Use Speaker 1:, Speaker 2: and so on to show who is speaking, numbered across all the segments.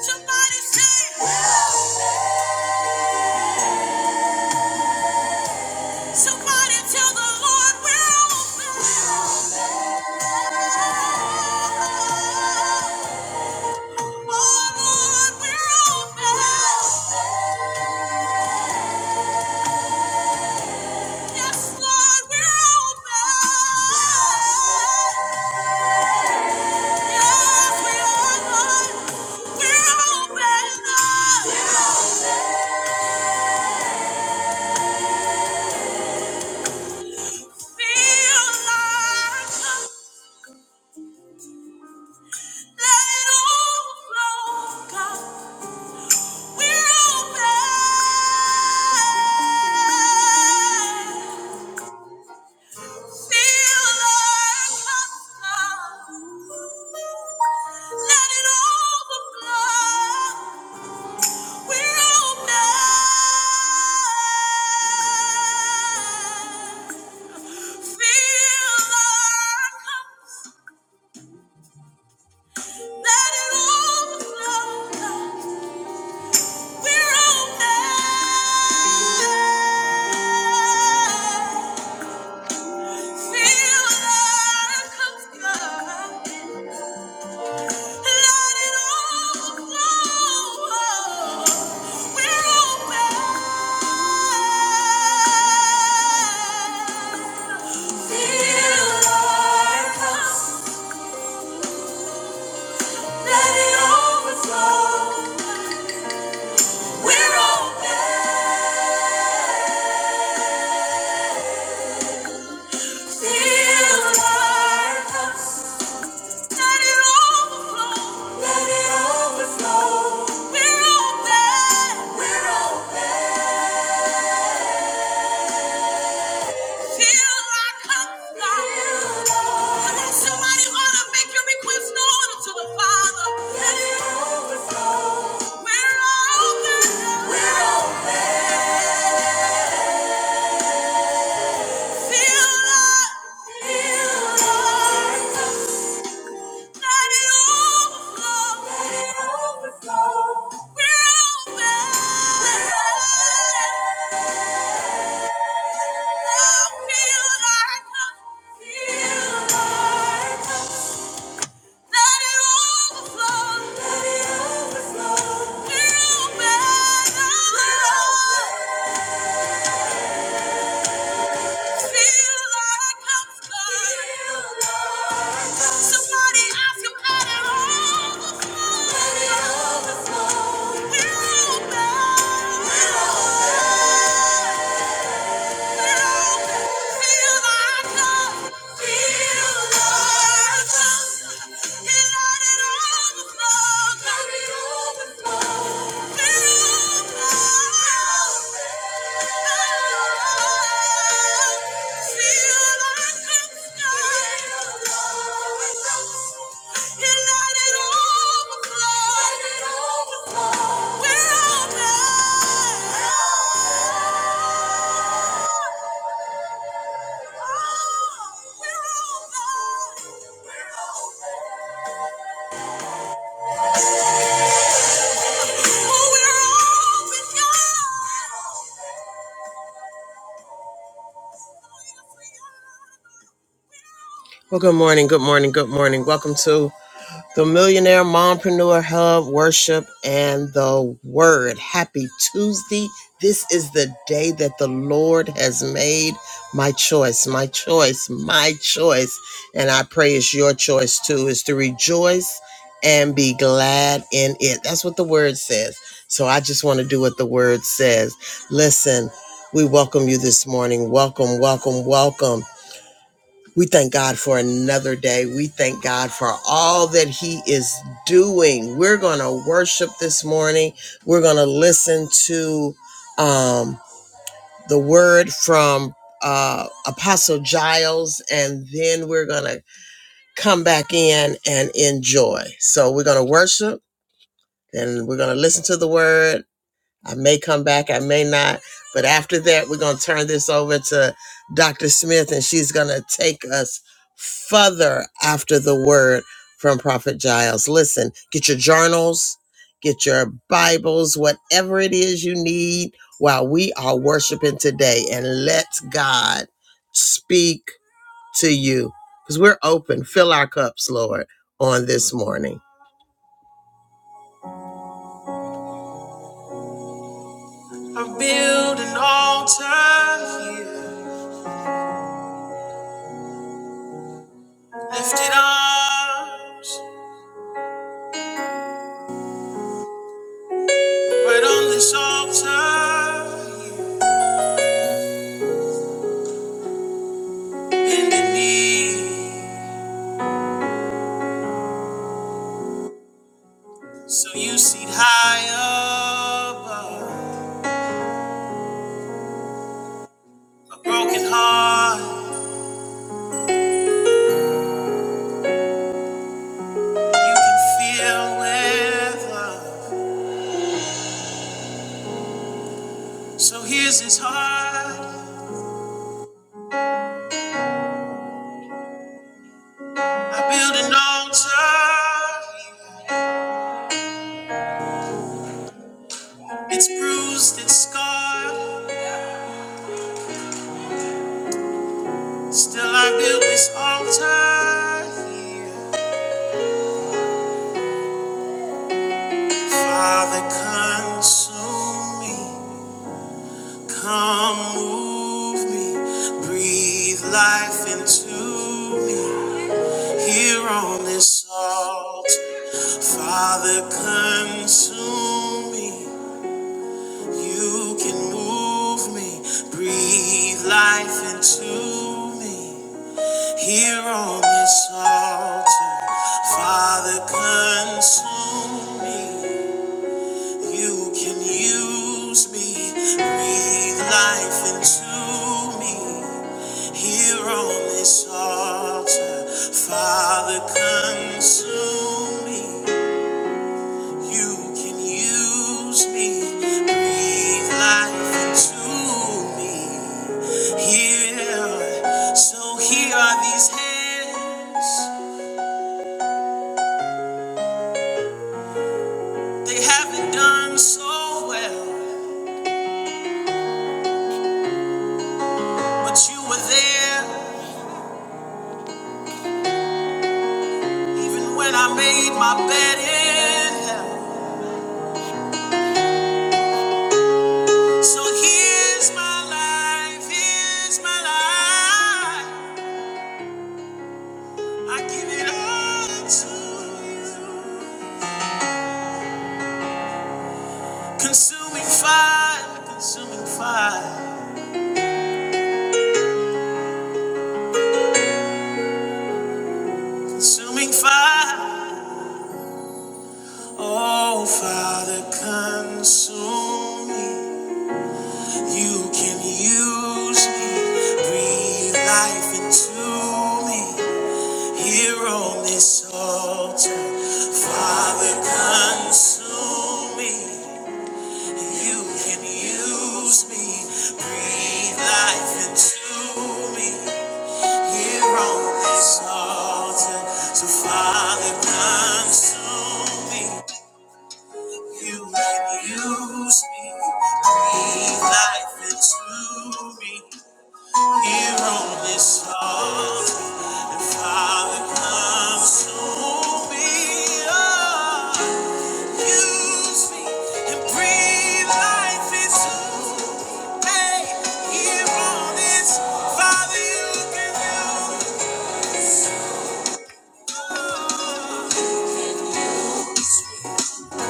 Speaker 1: Somebody say, Help! Somebody tell the Lord we're open. Oh Lord, we're open. Yes, Lord, we're open. Yes, we are, Lord. We're open, Lord. Feel like let it overflow, God. We're open. Feel love comes God. Let it overflow. We're open. We're open. Till I come down. Come on, somebody ought to make your request known to the Father. We're open. We're open. Till I, till I come Let it overflow. Feel like well, good morning, good morning, good morning. Welcome to The Millionaire Mompreneur Hub Worship and the Word. Happy Tuesday. This is the day that the Lord has made. My choice, my choice, my choice. And I pray it's your choice too, is to rejoice and be glad in it. That's what the Word says. So I just want to do what the Word says. Listen, we welcome you this morning. Welcome, welcome, welcome. We thank God for another day. We thank God for all that He is doing. We're going to worship this morning. We're going to listen to um, the word from uh, Apostle Giles, and then we're going to come back in and enjoy. So we're going to worship, and we're going to listen to the word, I may come back, I may not. But after that, we're going to turn this over to Dr. Smith, and she's going to take us further after the word from Prophet Giles. Listen, get your journals, get your Bibles, whatever it is you need while we are worshiping today, and let God speak to you because we're open. Fill our cups, Lord, on this morning. i build an altar here Lifted arms, right on this altar, bending knee, so you seat high above. A broken heart, you can feel with love. So here's his heart, I build an altar. It's bruised, it's scarred, still I build this altar here. Father, consume me. Come move me, breathe life into me here on this altar. Father, consume me. You can move me, breathe life into me here on this altar. Father, consume me. You can use me, breathe life into me. Here on this altar, Father, consume me. You can use me, breathe life into me. Here, so here are these hands. They haven't done so well, but you were there. Even when I made my bed in hell. So here's my life, here's my life. I give it all to you. Consuming fire, consuming fire, consuming fire. Oh, Father, consume me. You can use me. Breathe life into me. Here on this altar, Father, consume me. You can use me, breathe life into me. Here on this altar, so Father, consume me. You can use me, breathe life into me. Here on this altar, and Father comes to me. Oh, use me and breathe life into me. Here on this, Father, you can do.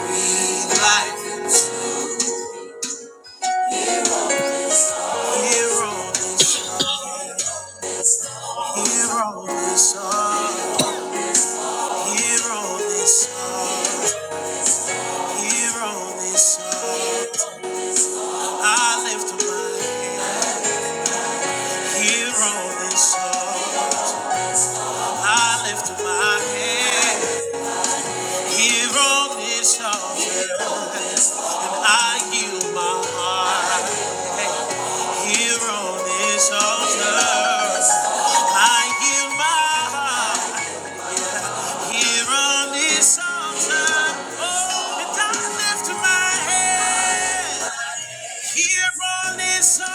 Speaker 1: Breathe life into me. Here on this, here on this altar, here on this altar, here on this altar, I lift up my Here on this altar, I lift my hand. Here on this altar, I yield my heart. Here on this altar, I yield my heart. Here on this altar, oh, and I lift my hand. Here on this altar,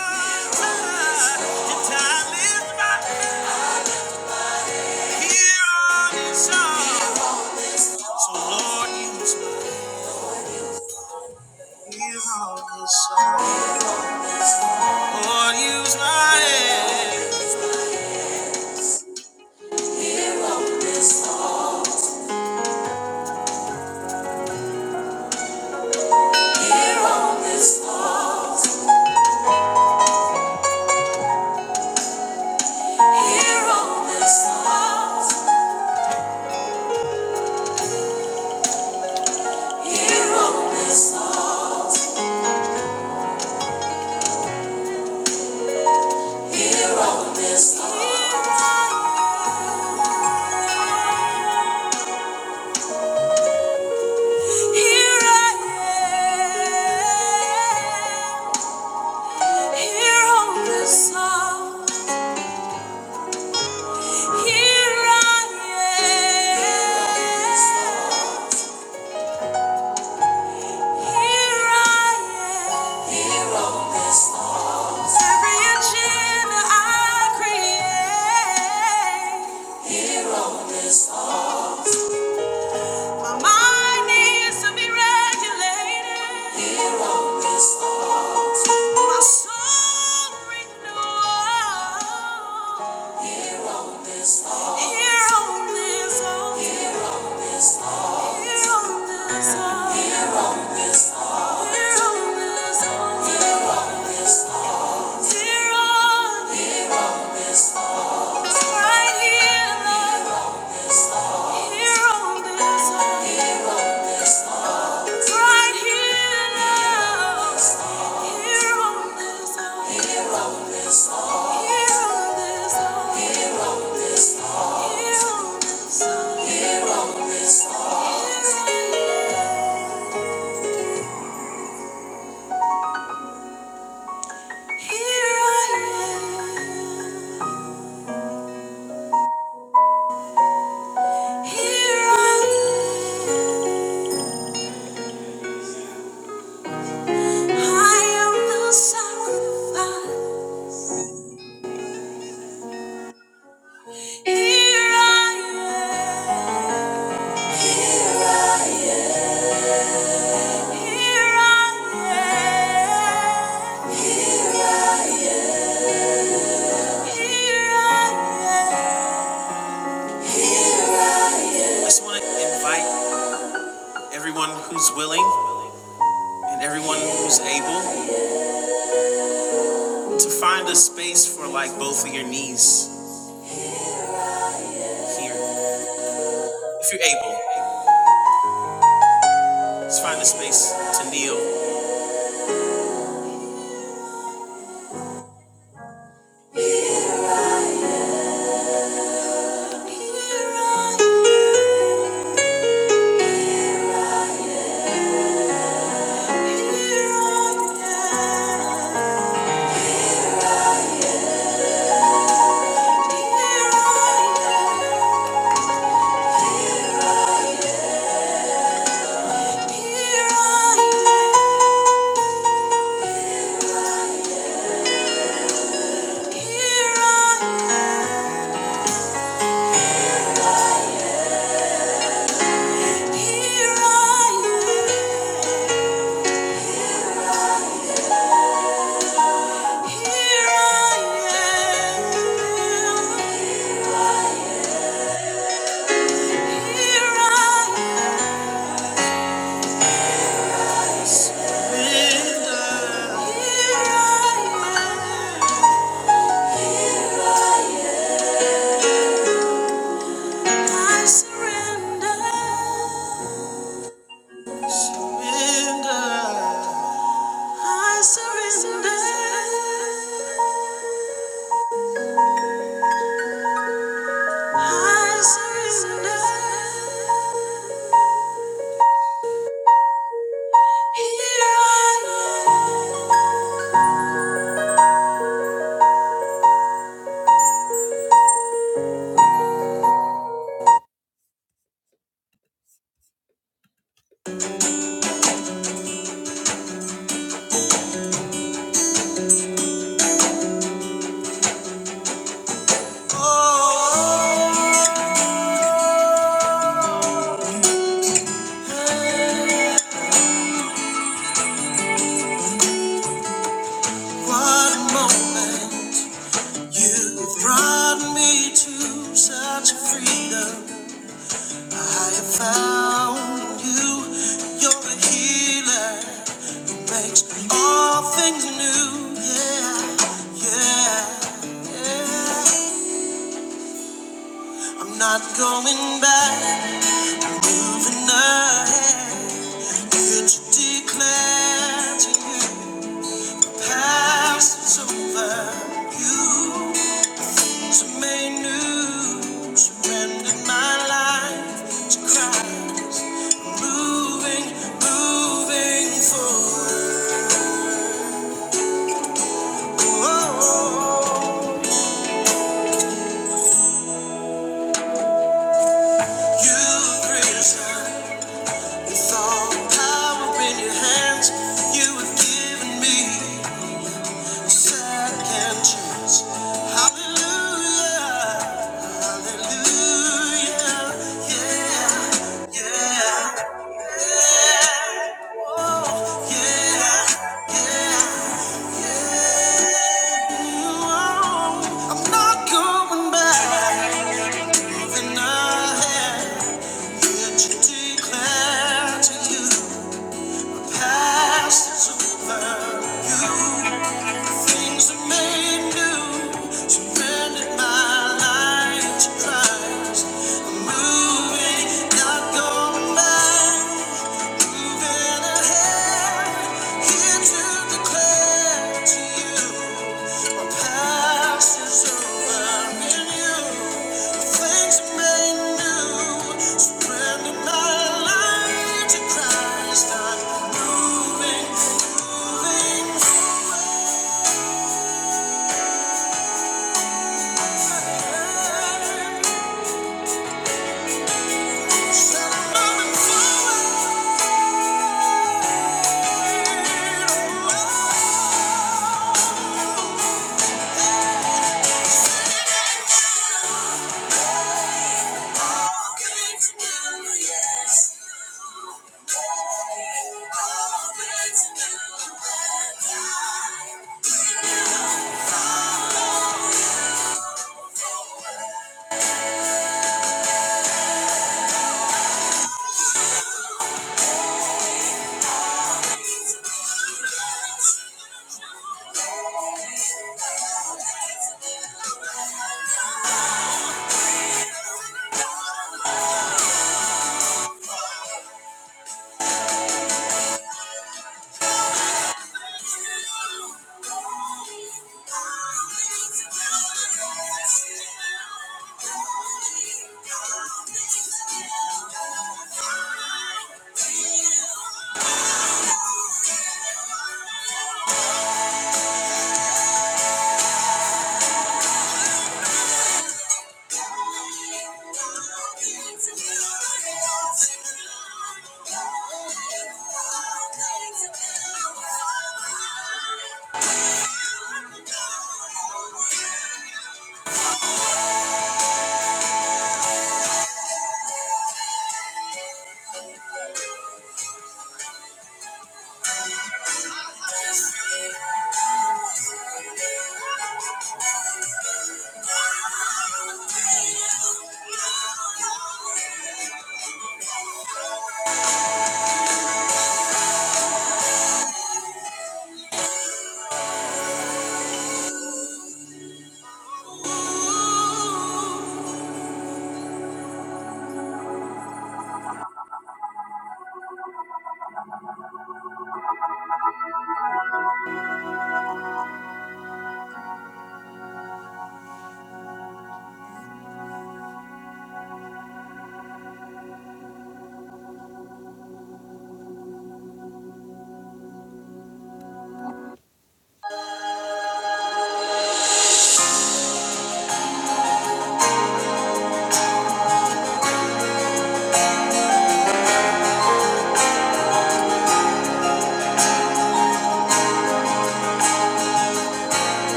Speaker 1: and I lift my hand. Here on this altar. So Lord, use my ear, Lord, use my head. I just want to invite everyone who's willing and everyone who's able to find a space for like both of your knees here. If you're able, just find a space to kneel. Bend up, bend up,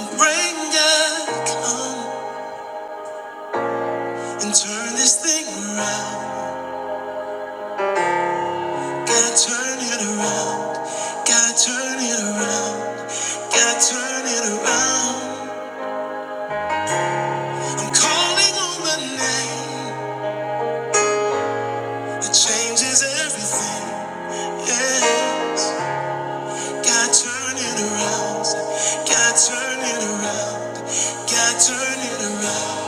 Speaker 1: bring up, and turn this thing around. Gotta turn it around. got turn it around. Calling on the name that changes everything. Got to, got around, got around.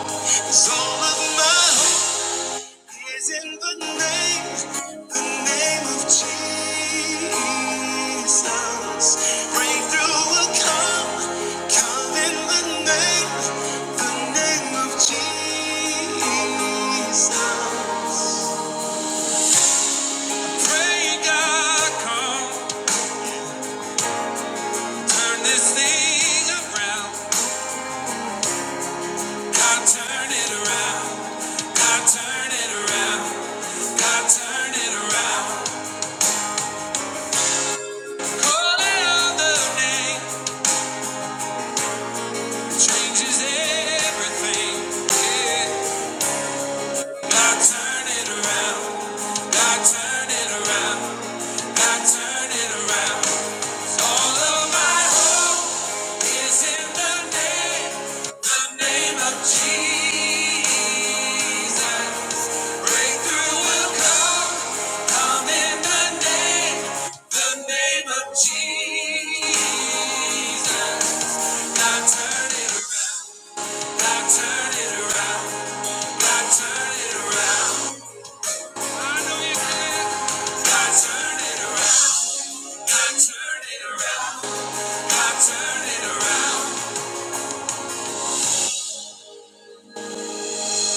Speaker 1: Come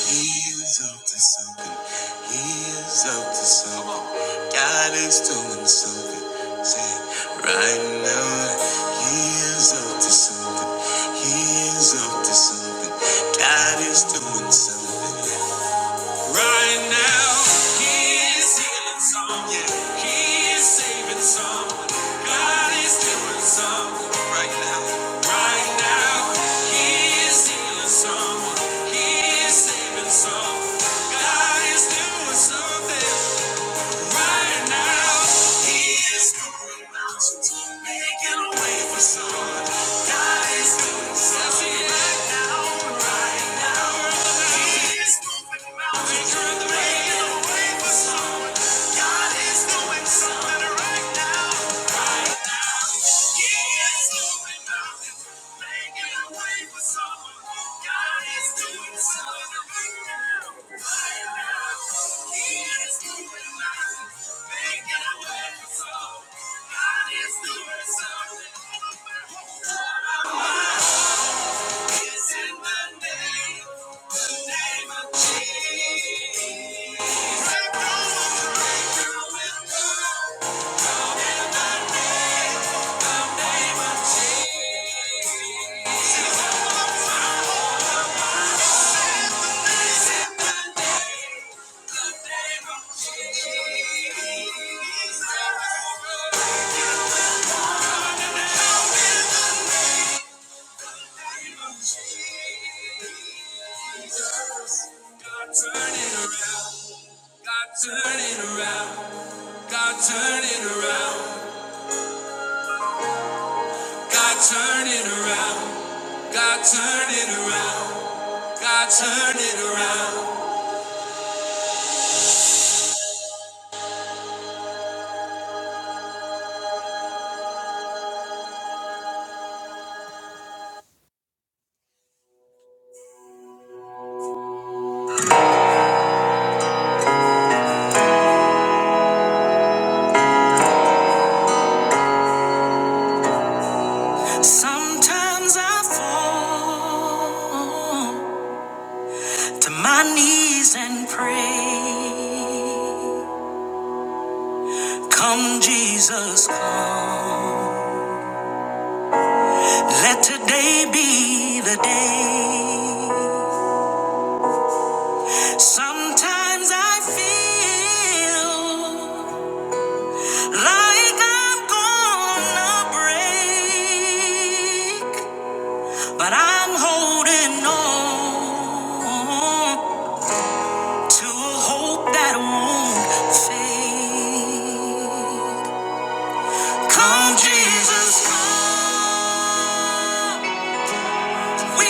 Speaker 1: praise. Sometimes I fall to my knees and pray. Come, Jesus, come. Let today be the day. Sometimes I feel like I'm gonna break, but I'm home. to the We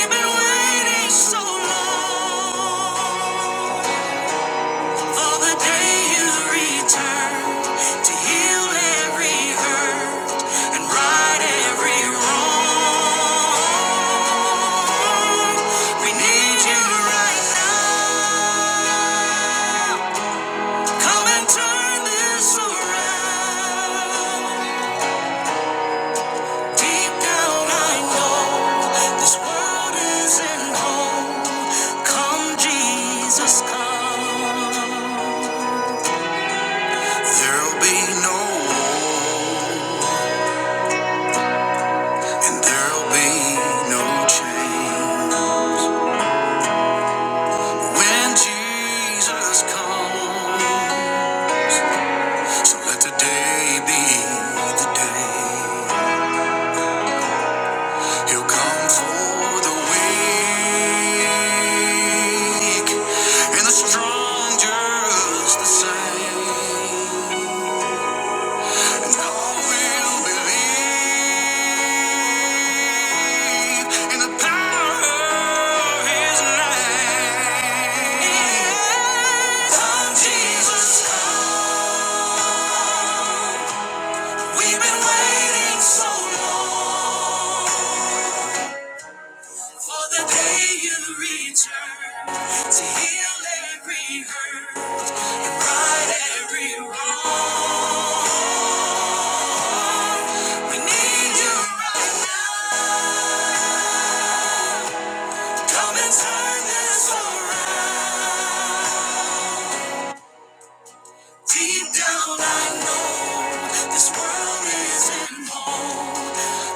Speaker 1: I know, this world isn't home. Come, Je- come. There'll be an end. So let the day be.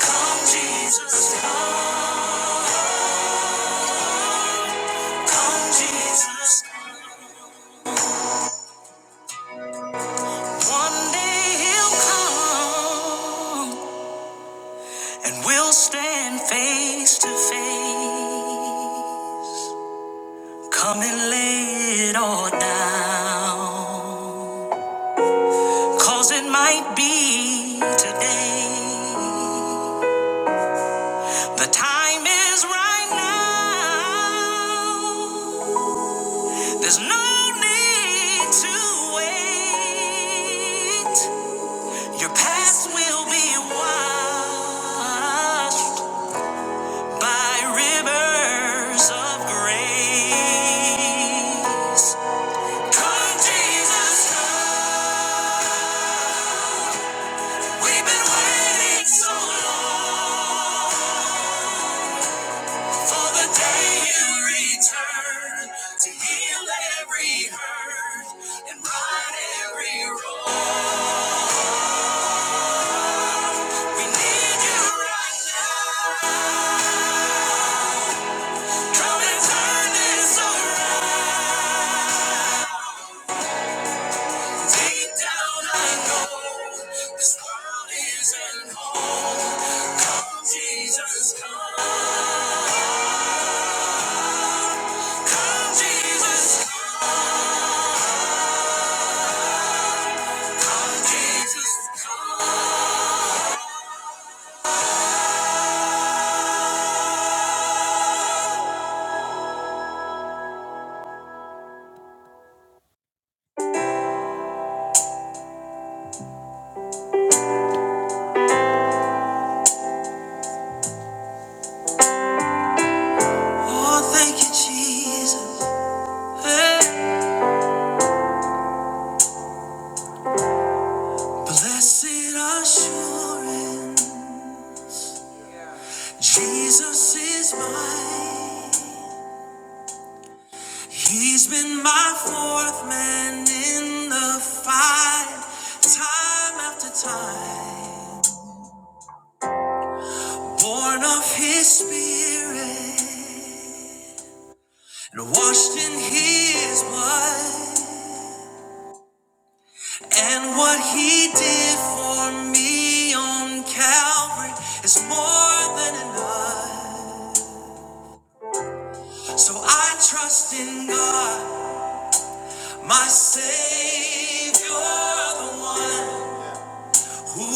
Speaker 1: Come, Jesus. Come, Jesus. One day he'll come and we'll stand face to face. Come and lay it all down, 'cause it might be today. The time is right now. There's no need to wait. Your past will be washed by rivers of grace. Come, Jesus, We've been waiting so long for the day you return to heal every hurt and right every wrong, Jesus. Oh, thank you, Jesus. Hey. Blessed assurance, Jesus is mine. He's been my fourth man in the fight, time after time. Born of his spirit and washed in his blood. And what he did for me on Calvary is more than enough. So I trust in God, my Savior, the one. Who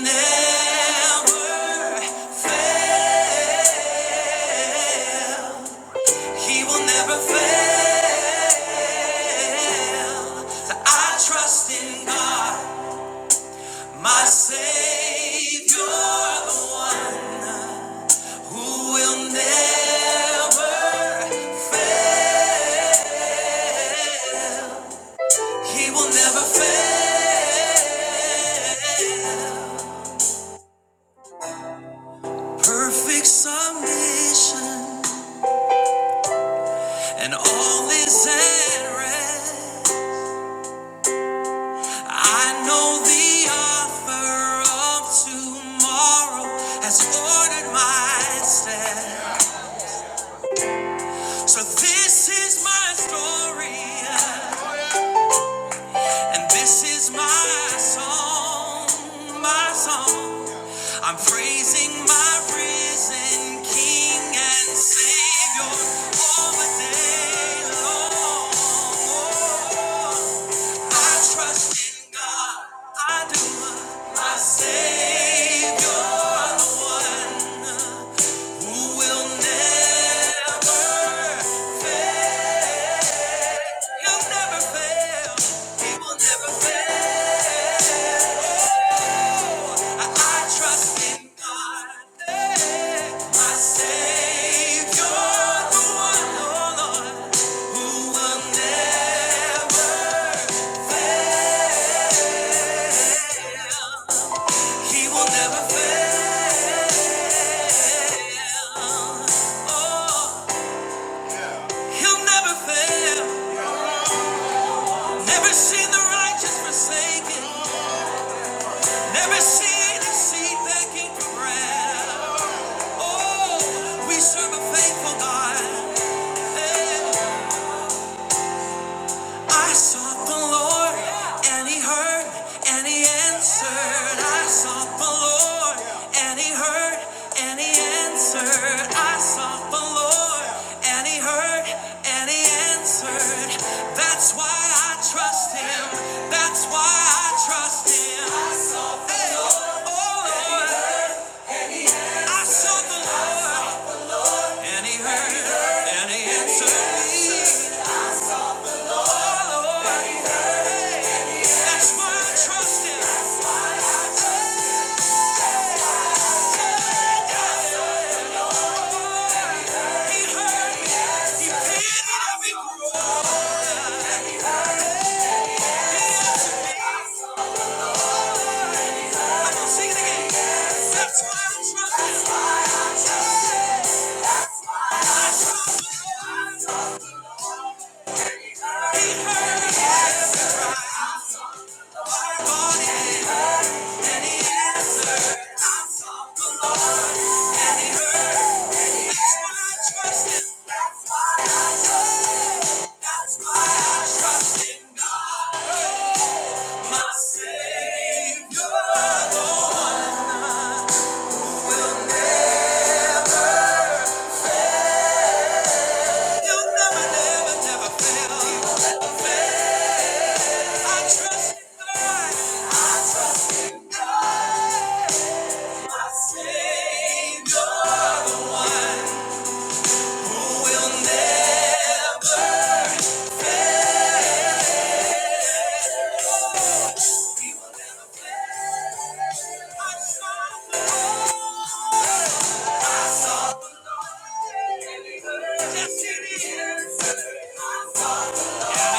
Speaker 1: never fail? Perfect submission, and all is at rest. I know the offer of tomorrow has ordered my steps. So this is my story, and this is my song.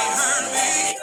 Speaker 1: Heard me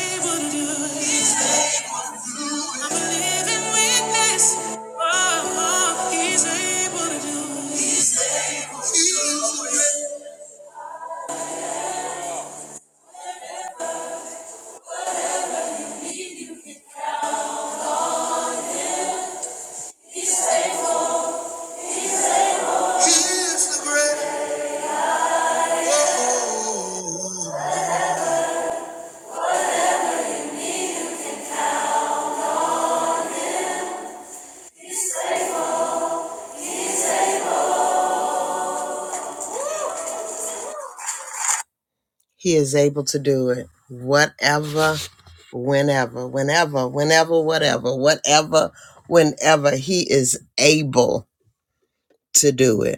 Speaker 1: able will do it. Oh, He is able to do it. Whatever, whenever, whenever, whenever, whatever, whatever, whenever, he is able to do it.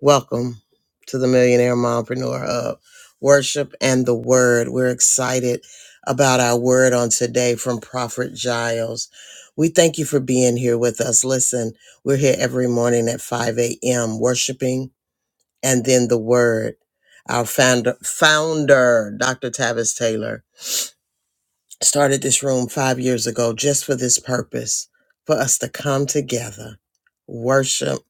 Speaker 1: Welcome to the Millionaire Mompreneur Hub, Worship and the Word. We're excited about our word on today from Prophet Giles. We thank you for being here with us. Listen, we're here every morning at 5 a.m. worshiping and then the word. Our founder, founder, Dr. Tavis Taylor, started this room five years ago just for this purpose, for us to come together, worship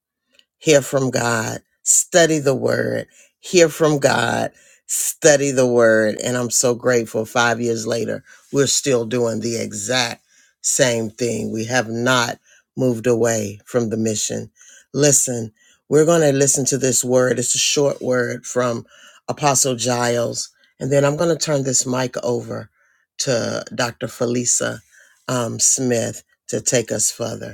Speaker 1: hear from God, study the word, hear from God, study the word. And I'm so grateful five years later, we're still doing the exact same thing. We have not moved away from the mission. Listen, we're going to listen to this word. It's a short word from Apostle Giles. And then I'm going to turn this mic over to Dr. Felisa um, Smith to take us further.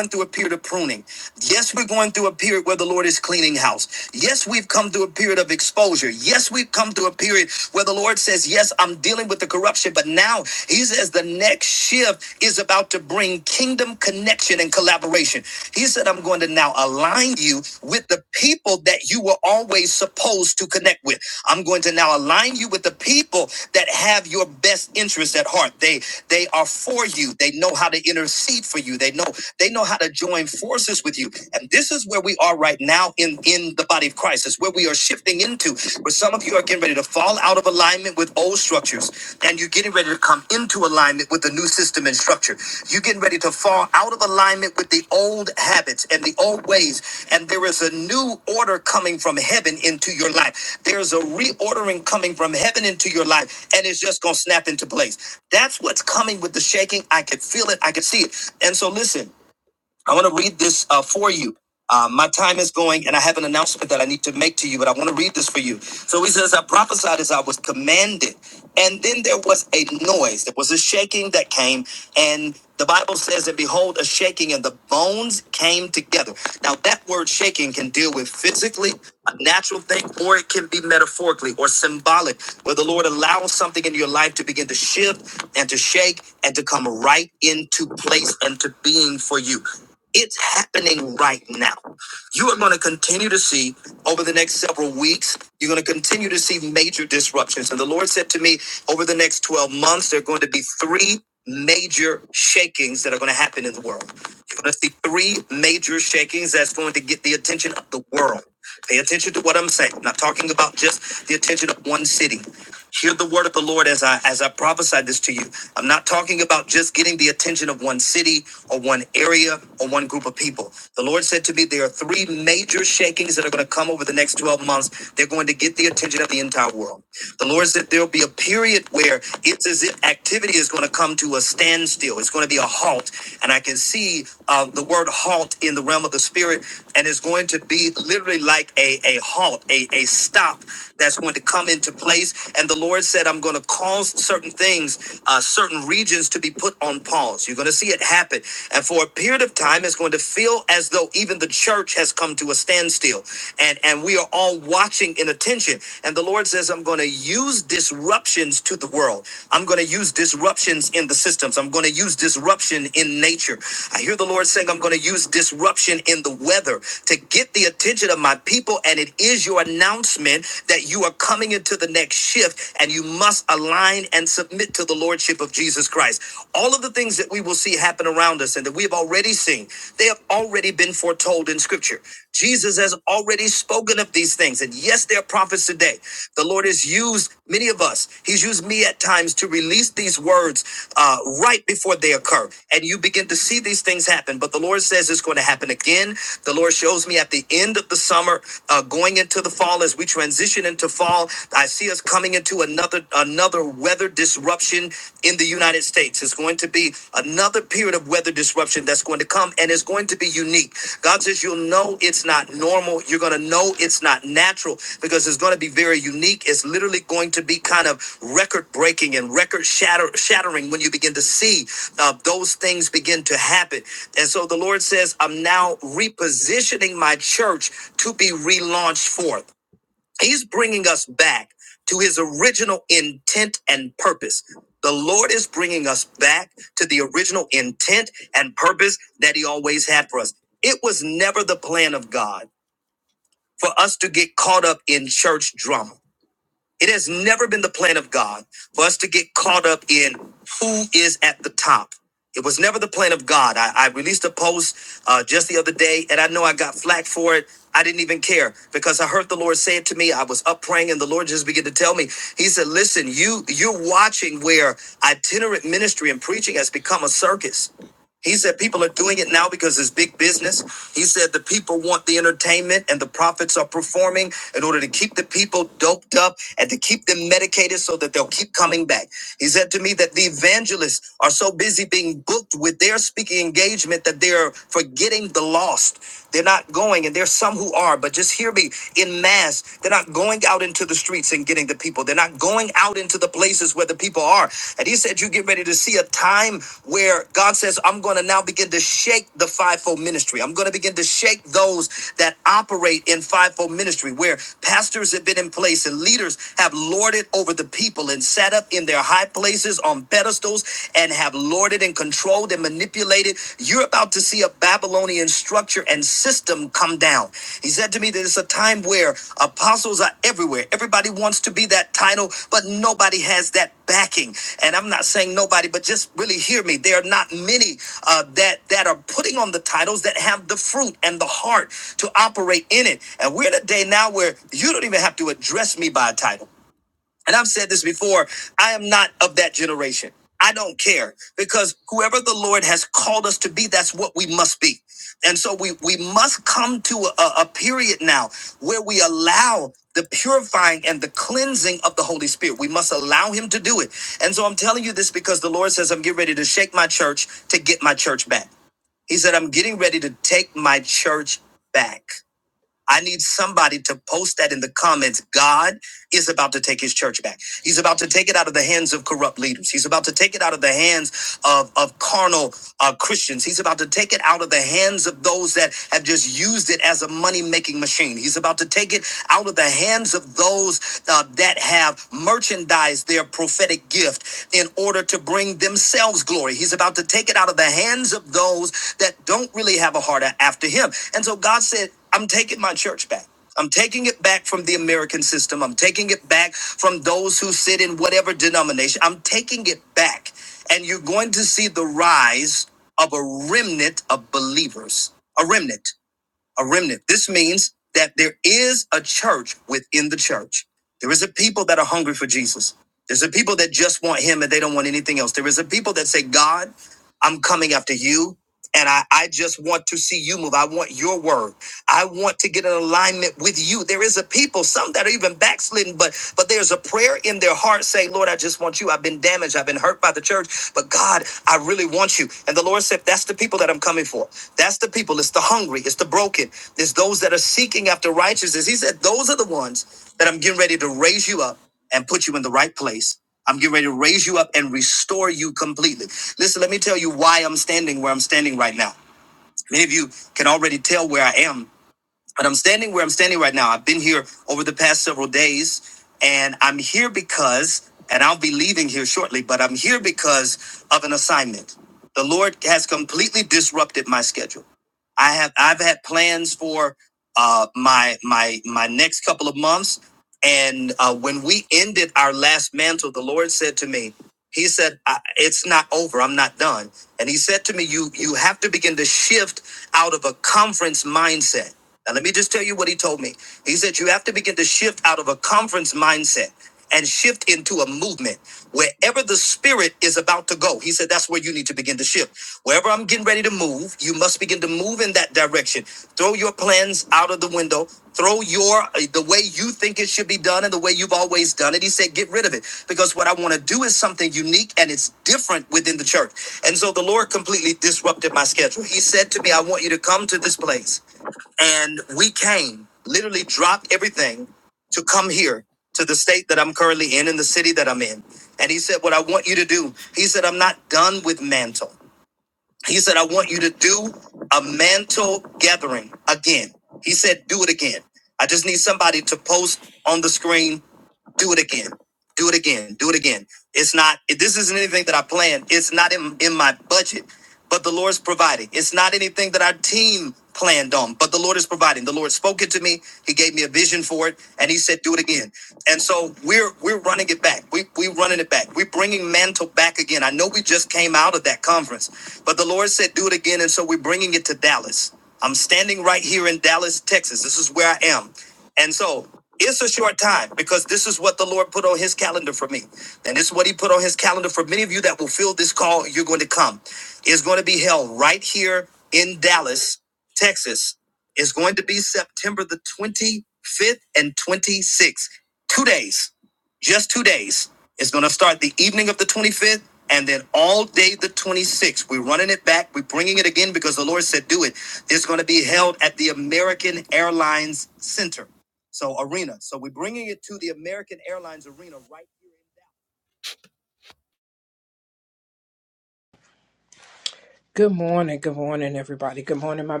Speaker 2: Good morning, good morning, everybody. Good morning, my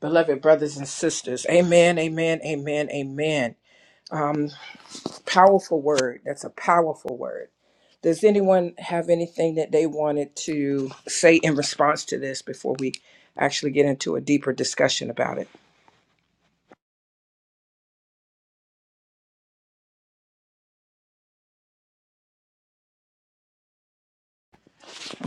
Speaker 2: beloved brothers and sisters. Amen, amen, amen, amen. Um, powerful word. That's a powerful word. Does anyone have anything that they wanted to say in response to this before we actually get into a deeper discussion about it?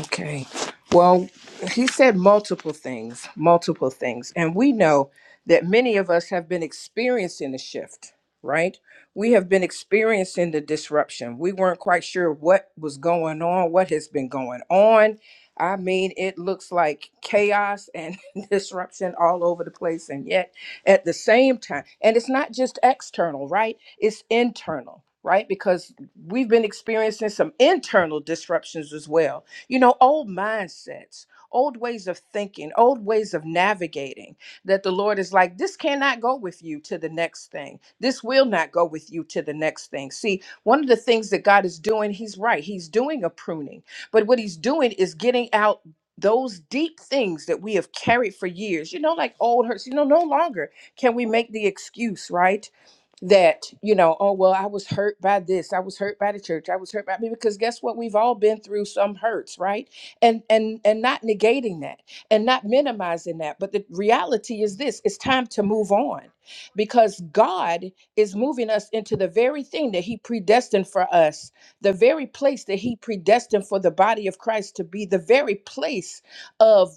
Speaker 2: Okay. Well, he said multiple things, multiple things. And we know that many of us have been experiencing a shift, right? We have been experiencing the disruption. We weren't quite sure what was going on, what has been going on. I mean, it looks like chaos and disruption all over the place. And yet, at the same time, and it's not just external, right? It's internal, right? Because we've been experiencing some internal disruptions as well you know, old mindsets, old ways of thinking, old ways of navigating that the Lord is like, this cannot go with you to the next thing. This will not go with you to the next thing. See, one of the things that God is doing, He's right, He's doing a pruning. But what He's doing is getting out those deep things that we have carried for years, you know, like old hurts, you know, no longer can we make the excuse, right? that you know oh well i was hurt by this i was hurt by the church i was hurt by me because guess what we've all been through some hurts right and and and not negating that and not minimizing that but the reality is this it's time to move on because god is moving us into the very thing that he predestined for us the very place that he predestined for the body of christ to be the very place of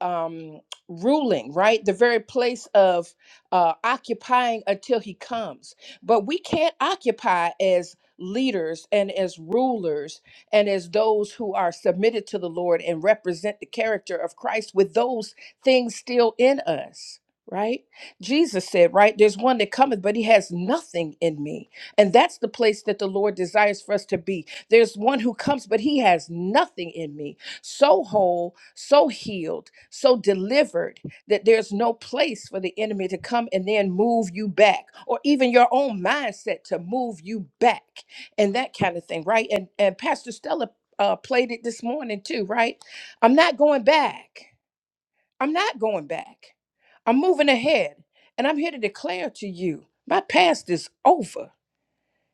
Speaker 2: um ruling right the very place of uh, occupying until he comes. But we can't occupy as leaders and as rulers and as those who are submitted to the Lord and represent the character of Christ with those things still in us. Right? Jesus said, right? There's one that cometh, but he has nothing in me. And that's the place that the Lord desires for us to be. There's one who comes, but he has nothing in me. So whole, so healed, so delivered that there's no place for the enemy to come and then move you back or even your own mindset to move you back and that kind of thing right and and pastor stella uh, played it this morning too right i'm not going back i'm not going back i'm moving ahead and i'm here to declare to you my past is over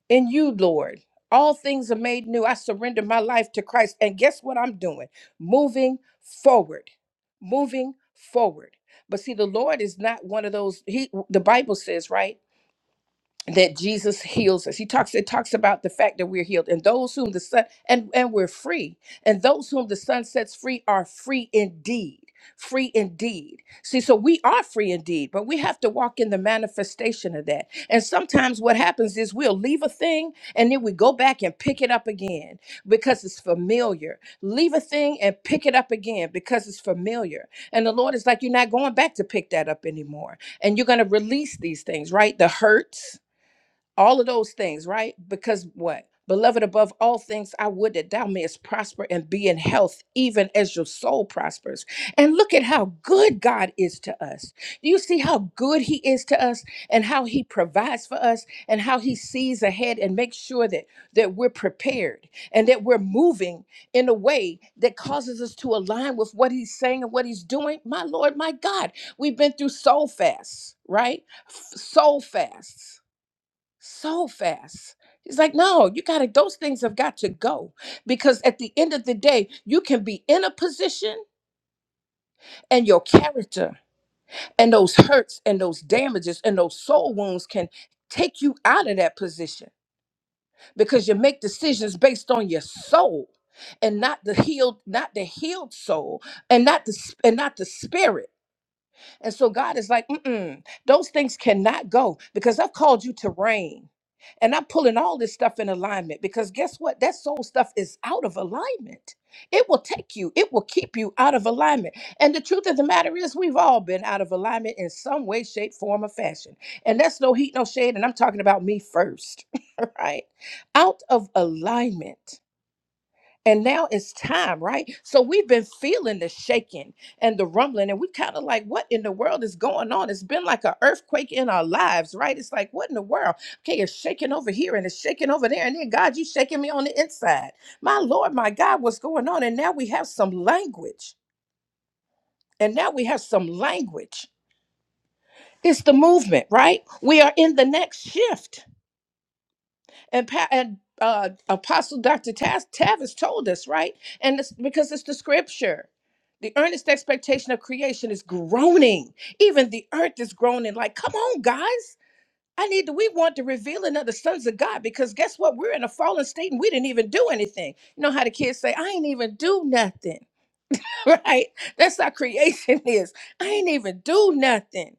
Speaker 2: in you, Lord. All things are made new. I surrender my life to Christ. And guess what I'm doing? Moving forward. Moving forward. But see, the Lord is not one of those. He the Bible says, right? that Jesus heals us. He talks it talks about the fact that we're healed and those whom the son and and we're free. And those whom the son sets free are free indeed. Free indeed. See, so we are free indeed, but we have to walk in the manifestation of that. And sometimes what happens is we'll leave a thing and then we go back and pick it up again because it's familiar. Leave a thing and pick it up again because it's familiar. And the Lord is like, you're not going back to pick that up anymore. And you're going to release these things, right? The hurts, all of those things, right? Because what? Beloved, above all things, I would that thou mayest prosper and be in health, even as your soul prospers. And look at how good God is to us. Do you see how good He is to us and how He provides for us and how He sees ahead and makes sure that, that we're prepared and that we're moving in a way that causes us to align with what He's saying and what He's doing? My Lord, my God, we've been through soul fasts, right? F- Soul fasts so fast. He's like, no, you got to, those things have got to go. Because at the end of the day, you can be in a position and your character and those hurts and those damages and those soul wounds can take you out of that position because you make decisions based on your soul and not the healed not the healed soul and not the sp- and not the spirit And so God is like, mm mm, those things cannot go because I've called you to reign. And I'm pulling all this stuff in alignment because guess what? That soul stuff is out of alignment. It will take you, it will keep you out of alignment. And the truth of the matter is, we've all been out of alignment in some way, shape, form, or fashion. And that's no heat, no shade. And I'm talking about me first, right? Out of alignment. And now it's time, right? So we've been feeling the shaking and the rumbling, and we kind of like, what in the world is going on? It's been like an earthquake in our lives, right? It's like, what in the world? Okay, it's shaking over here and it's shaking over there. And then, God, you shaking me on the inside. My Lord, my God, what's going on? And now we have some language. And now we have some language. It's the movement, right? We are in the next shift. and pa- and uh, Apostle Dr. Tas- Tavis told us right, and it's because it's the scripture. The earnest expectation of creation is groaning. Even the earth is groaning. Like, come on, guys. I need to, we want the revealing of the sons of God because guess what? We're in a fallen state and we didn't even do anything. You know how the kids say, I ain't even do nothing, right? That's how creation is. I ain't even do nothing.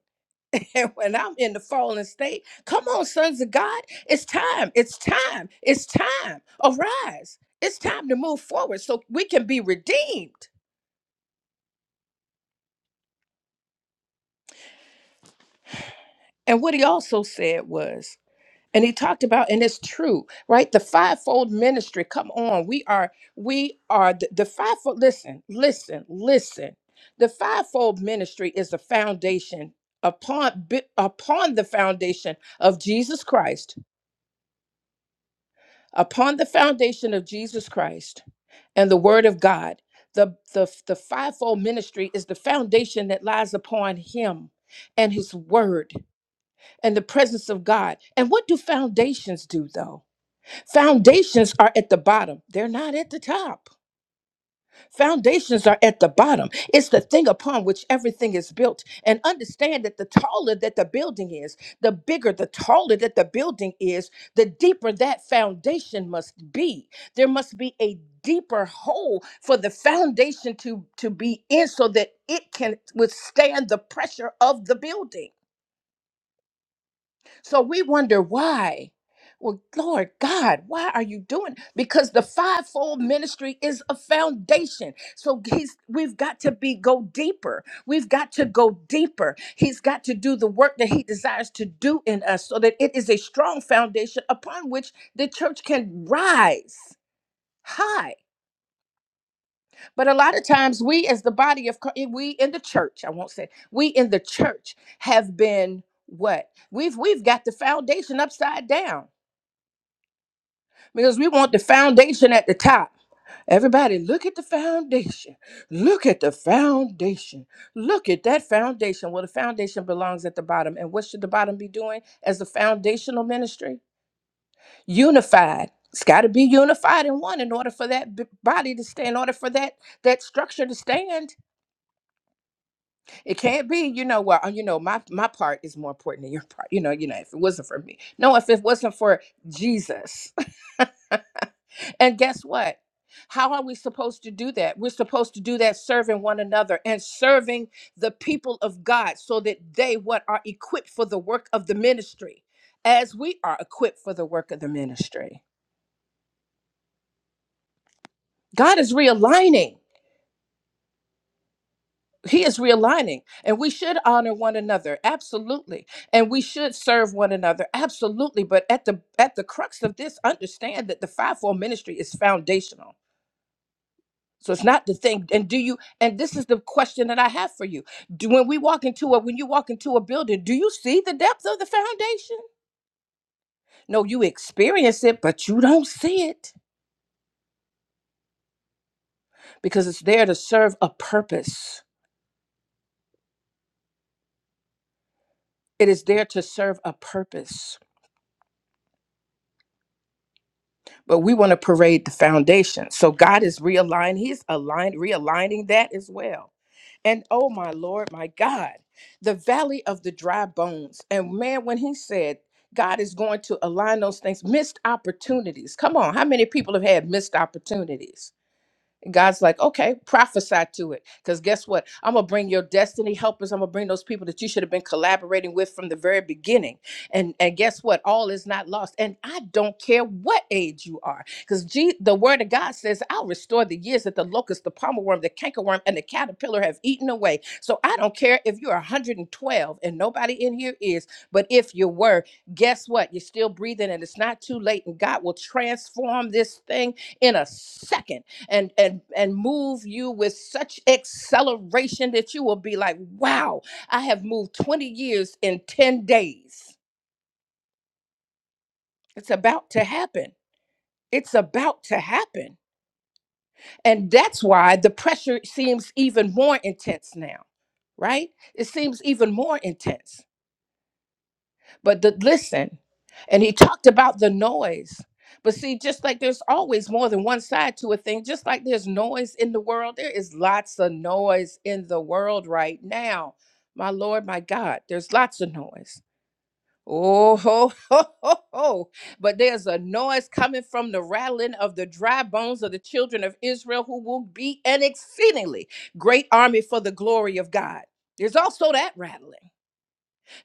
Speaker 2: And when I'm in the fallen state, come on, sons of God, it's time, it's time, it's time. Arise. It's time to move forward so we can be redeemed. And what he also said was, and he talked about, and it's true, right? The fivefold ministry. Come on, we are, we are the, the fivefold. Listen, listen, listen. The fivefold ministry is the foundation upon bu- upon the foundation of Jesus Christ. Upon the foundation of Jesus Christ and the word of God. The, the, the fivefold ministry is the foundation that lies upon him and his word and the presence of God. And what do foundations do though? Foundations are at the bottom, they're not at the top. Foundations are at the bottom. It's the thing upon which everything is built. And understand that the taller that the building is, the bigger, the taller that the building is, the deeper that foundation must be. There must be a deeper hole for the foundation to to be in so that it can withstand the pressure of the building so we wonder why. Well, Lord God, why are you doing? Because the fivefold ministry is a foundation. So he's we've got to be go deeper. We've got to go deeper. He's got to do the work that he desires to do in us so that it is a strong foundation upon which the church can rise high. But a lot of times we as the body of Chri- we in the church, I won't say, we in the church have been what? We've we've got the foundation upside down because we want the foundation at the top. Everybody, look at the foundation. Look at the foundation. Look at that foundation. Well, the foundation belongs at the bottom. And what should the bottom be doing as the foundational ministry? Unified. It's got to be unified in one in order for that b- body to stay, in order for that that structure to stand. It can't be, you know, well, uh, you know, my my part is more important than your part. You know, you know, if it wasn't for me. No, if it wasn't for Jesus. And guess what? How are we supposed to do that? We're supposed to do that serving one another and serving the people of God so that they what are equipped for the work of the ministry as we are equipped for the work of the ministry. God is realigning. He is realigning and we should honor one another absolutely and we should serve one another absolutely but at the at the crux of this understand that the fivefold ministry is foundational So it's not the thing. And do you, and this is the question that I have for you. Do, when we walk into a, when you walk into a building, do you see the depth of the foundation? No, you experience it, but you don't see it because it's there to serve a purpose. It is there to serve a purpose. But we want to parade the foundation. So God is realigning, He's aligned, realigning that as well And oh my Lord, my God, the valley of the dry bones. And man, when he said God is going to align those things, missed opportunities. Come on, how many people have had missed opportunities? God's like, okay, prophesy to it. Because guess what? I'm going to bring your destiny helpers. I'm going to bring those people that you should have been collaborating with from the very beginning. And, and guess what? All is not lost. And I don't care what age you are. Because the word of God says, I'll restore the years that the locust, the palmer worm, the cankerworm, and the caterpillar have eaten away. So I don't care if you're 112 and nobody in here is, but if you were, guess what? You're still breathing and it's not too late. And God will transform this thing in a second and and and move you with such acceleration that you will be like wow i have moved 20 years in 10 days it's about to happen it's about to happen and that's why the pressure seems even more intense now right it seems even more intense But the, listen, and he talked about the noise. But see, just like there's always more than one side to a thing, just like there's noise in the world, there is lots of noise in the world right now. My Lord, my God, there's lots of noise. Oh, ho, ho, ho, ho. But there's a noise coming from the rattling of the dry bones of the children of Israel, who will be an exceedingly great army for the glory of God. There's also that rattling.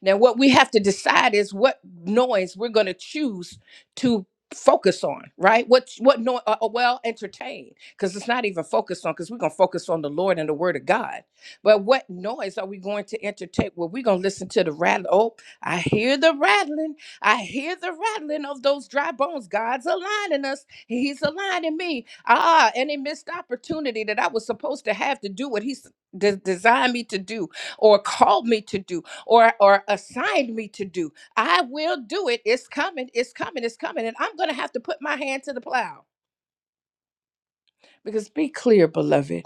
Speaker 2: Now, what we have to decide is what noise we're going to choose to focus on, right? What what noise? Uh, uh, well, entertain, because it's not even focused on, because we're going to focus on the Lord and the Word of God. But what noise are we going to entertain? Well, we're going to listen to the rattle. Oh, I hear the rattling. I hear the rattling of those dry bones. God's aligning us. He's aligning me. Ah, any missed opportunity that I was supposed to have to do what He's de- designed me to do or called me to do or or assigned me to do. I will do it. It's coming. It's coming. It's coming and I'm going to have to put my hand to the plow. Because be clear, beloved.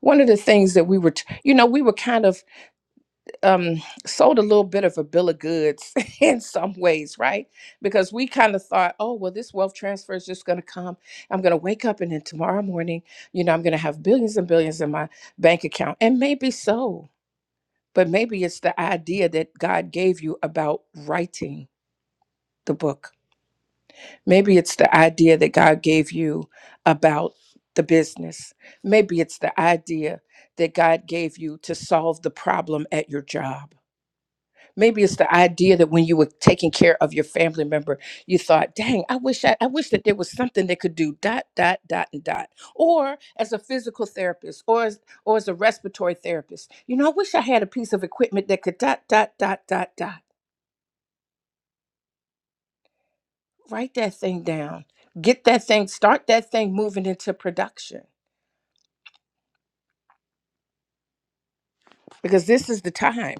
Speaker 2: One of the things that we were, t- you know, we were kind of um, sold a little bit of a bill of goods in some ways, right? Because we kind of thought, oh, well, this wealth transfer is just going to come. I'm going to wake up and then tomorrow morning, you know, I'm going to have billions and billions in my bank account. And maybe so, but maybe it's the idea that God gave you about writing the book Maybe it's the idea that God gave you about the business. Maybe it's the idea that God gave you to solve the problem at your job. Maybe it's the idea that when you were taking care of your family member, you thought, dang, I wish I, I wish that there was something that could do dot, dot, dot, and dot. Or as a physical therapist or as or as a respiratory therapist, you know, I wish I had a piece of equipment that could dot, dot, dot, dot, dot. Write that thing down. Get that thing, start that thing moving into production because this is the time.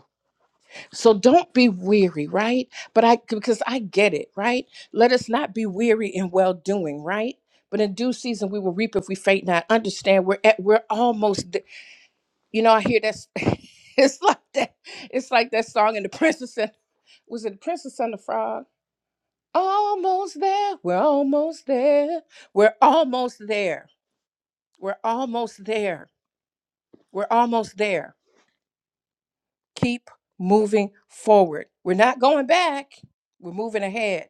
Speaker 2: So don't be weary, right? But I because I get it, right? Let us not be weary in well doing, right? But in due season we will reap if we faint not. Understand we're at we're almost th- you know, I hear that's it's like that it's like that song in the princess and was it the princess and the frog? Almost there, we're almost there, we're almost there, we're almost there, we're almost there. keep moving forward. We're not going back, we're moving ahead.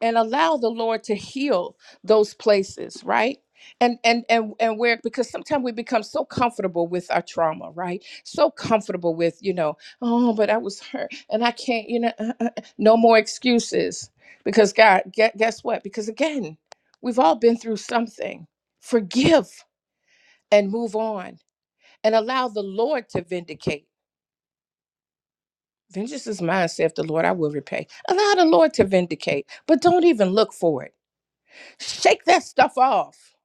Speaker 2: And allow the Lord to heal those places, right? And and and and where because sometimes we become so comfortable with our trauma, right? So comfortable with, you know, oh, but I was hurt and I can't, you know, uh, uh, uh," no more excuses. Because God, gue- guess what? Because again, we've all been through something. Forgive and move on and allow the Lord to vindicate Vengeance is mine, saith the Lord, I will repay. Allow the Lord to vindicate, but don't even look for it. Shake that stuff off.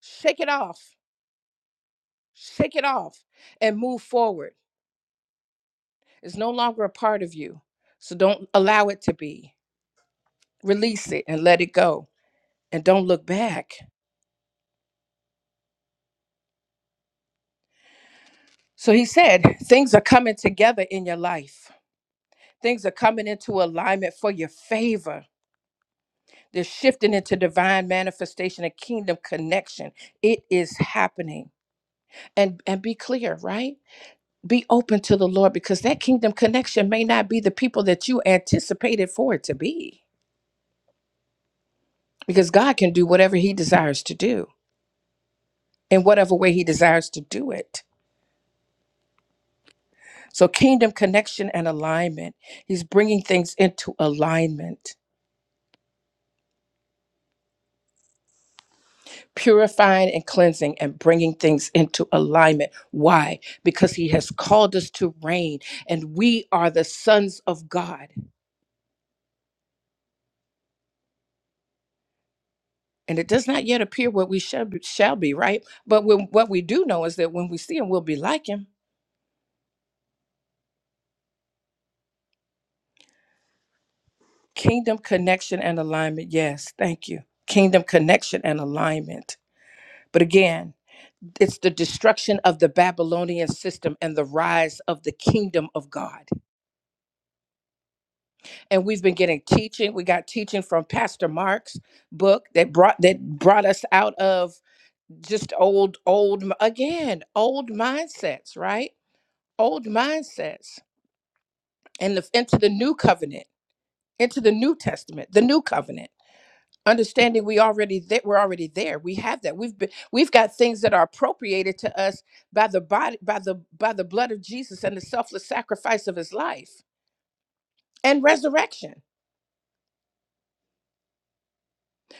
Speaker 2: Shake it off. Shake it off and move forward. It's no longer a part of you. So don't allow it to be. Release it and let it go. And don't look back. So he said, things are coming together in your life. Things are coming into alignment for your favor. They're shifting into divine manifestation and kingdom connection. It is happening. and and be clear right be open to the lord because that kingdom connection may not be the people that you anticipated for it to be because god can do whatever he desires to do in whatever way he desires to do it so kingdom connection and alignment he's bringing things into alignment purifying and cleansing and bringing things into alignment why because he has called us to reign and we are the sons of god and it does not yet appear what we shall be, shall be right but when, what we do know is that when we see him we'll be like him kingdom connection and alignment yes thank you kingdom connection and alignment but again it's the destruction of the babylonian system and the rise of the kingdom of god and we've been getting teaching we got teaching from pastor mark's book that brought that brought us out of just old old again old mindsets right old mindsets and the, into the new covenant, into the new testament, the new covenant. Understanding we already there, we're already there. We have that. We've been we've got things that are appropriated to us by the body, by the by the blood of Jesus and the selfless sacrifice of His life and resurrection.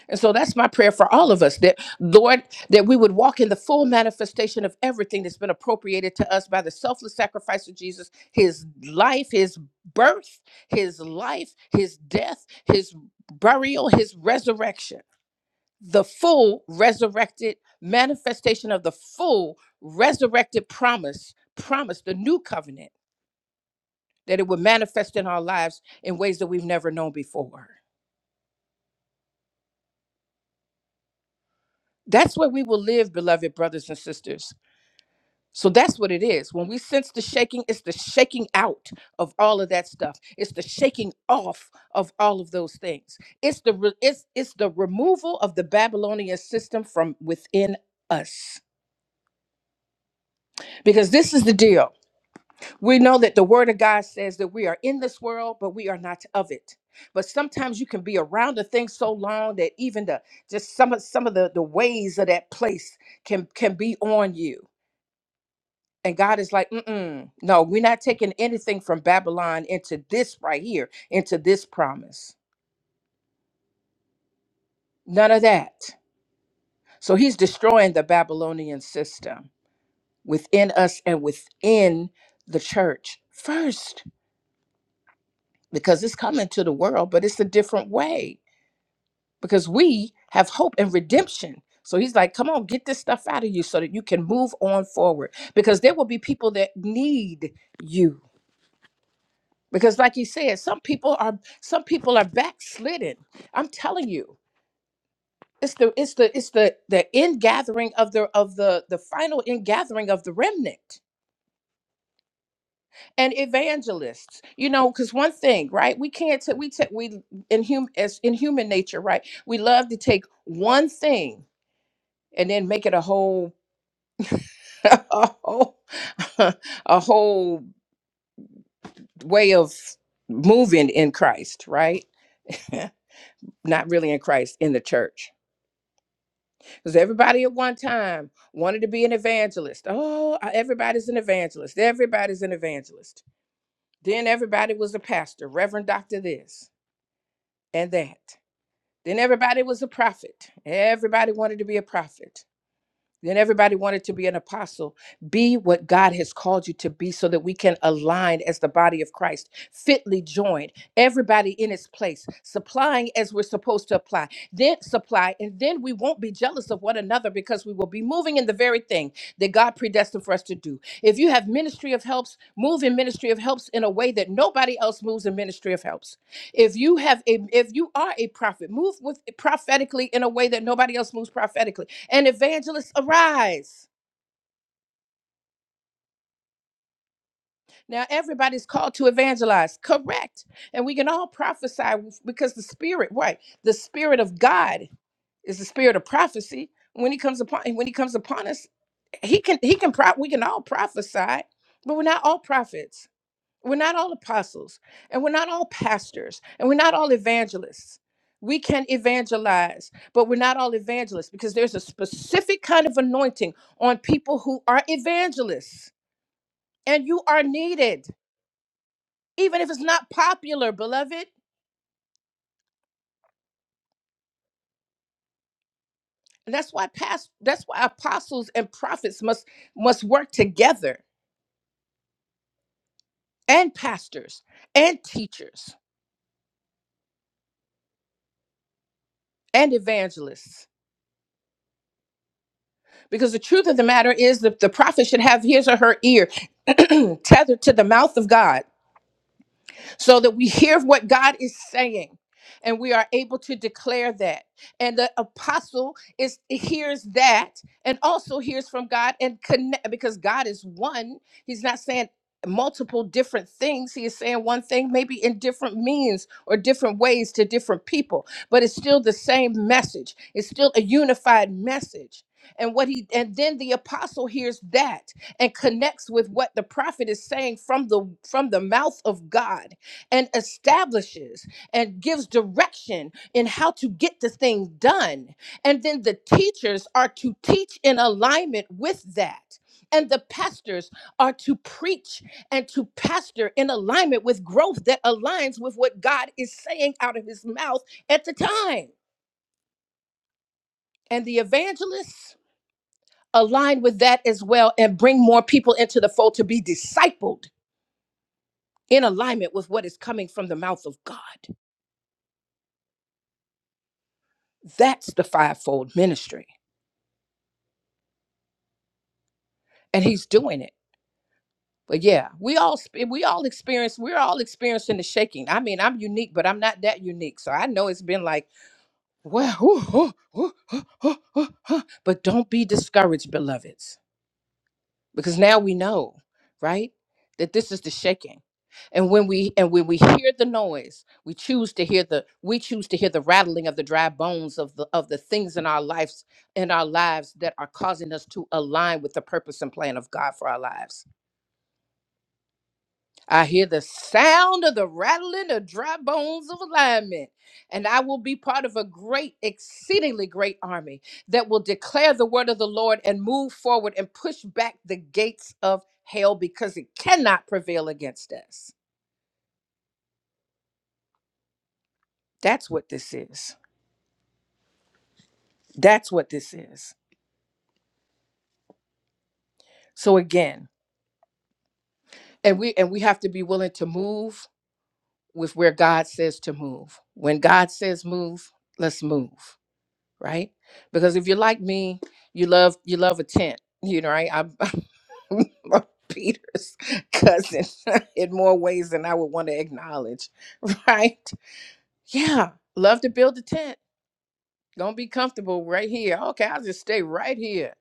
Speaker 2: And so that's my prayer for all of us that, Lord, that we would walk in the full manifestation of everything that's been appropriated to us by the selfless sacrifice of Jesus, his life, his birth, his life, his death, his burial, his resurrection, the full resurrected manifestation of the full resurrected promise, promise, the new covenant, that it would manifest in our lives in ways that we've never known before. That's where we will live, beloved brothers and sisters So that's what it is. When we sense the shaking, it's the shaking out of all of that stuff. It's the shaking off of all of those things. It's the re- it's it's the removal of the Babylonian system from within us. Because this is the deal. We know that the word of God says that we are in this world, but we are not of it. But sometimes you can be around a thing so long that even the just some of some of the, the ways of that place can can be on you And God is like, Mm-mm, no, we're not taking anything from Babylon into this right here, into this promise. None of that. So he's destroying the Babylonian system within us and within the church first, because it's coming to the world, but it's a different way because we have hope and redemption. So he's like, come on, get this stuff out of you so that you can move on forward because there will be people that need you because like you said some people are some people are backslidden i'm telling you it's the it's the it's the the in gathering of the of the the final in gathering of the remnant and evangelists you know because one thing right we can't ta- we take we in hum as in human nature right we love to take one thing and then make it a whole a whole a whole way of moving in christ right not really in christ in the church Because everybody at one time wanted to be an evangelist. Oh, I- everybody's an evangelist. Everybody's an evangelist. Then everybody was a pastor, Reverend Doctor this and that. Then everybody was a prophet. Everybody wanted to be a prophet. Then everybody wanted to be an apostle. Be what God has called you to be so that we can align as the body of Christ, fitly joined, everybody in its place, supplying as we're supposed to apply, then supply, and then we won't be jealous of one another because we will be moving in the very thing that God predestined for us to do. If you have ministry of helps, move in ministry of helps in a way that nobody else moves in ministry of helps. If you have a if you are a prophet, move with prophetically in a way that nobody else moves prophetically and evangelists arise. Now, everybody's called to evangelize, correct? And we can all prophesy because the Spirit, right? The Spirit of God is the Spirit of prophecy. When He comes upon, when He comes upon us, He can, He can, pro- we can all prophesy, but we're not all prophets. We're not all apostles, and we're not all pastors, and we're not all evangelists. We can evangelize, but we're not all evangelists because there's a specific kind of anointing on people who are evangelists and you are needed even if it's not popular beloved and that's why past that's why apostles and prophets must must work together and pastors and teachers and evangelists because the truth of the matter is that the prophet should have his or her ear tethered to the mouth of god so that we hear what God is saying and we are able to declare that. And the apostle is hears that and also hears from God and connect because God is one. He's not saying multiple different things. He is saying one thing maybe in different means or different ways to different people, but it's still the same message. It's still a unified message. And what he and then the apostle hears that and connects with what the prophet is saying from the from the mouth of God and establishes and gives direction in how to get the thing done. And then the teachers are to teach in alignment with that. And the pastors are to preach and to pastor in alignment with growth that aligns with what God is saying out of his mouth at the time. And the evangelists align with that as well and bring more people into the fold to be discipled in alignment with what is coming from the mouth of God. That's the fivefold ministry. and he's doing it. But yeah, we all sp- we all experience we're all experiencing the shaking. I mean, I'm unique, but I'm not that unique. So I know it's been like, well, whew, huh, huh, huh, huh, huh." but don't be discouraged, beloveds, because now we know, right, that this is the shaking. And when we and when we hear the noise, we choose to hear the we choose to hear the rattling of the dry bones of the of the things in our lives in our lives that are causing us to align with the purpose and plan of God for our lives I hear the sound of the rattling of dry bones of alignment, and I will be part of a great, exceedingly great army that will declare the word of the Lord and move forward and push back the gates of hell because it cannot prevail against us. That's what this is. That's what this is. So again, and we and we have to be willing to move with where God says to move. When God says move, let's move. right? Because if you're like me, you love you love a tent, you know, right? I'm, I'm Peter's cousin in more ways than I would want to acknowledge, right? Yeah, love to build a tent. Gonna be comfortable right here. Okay, I'll just stay right here.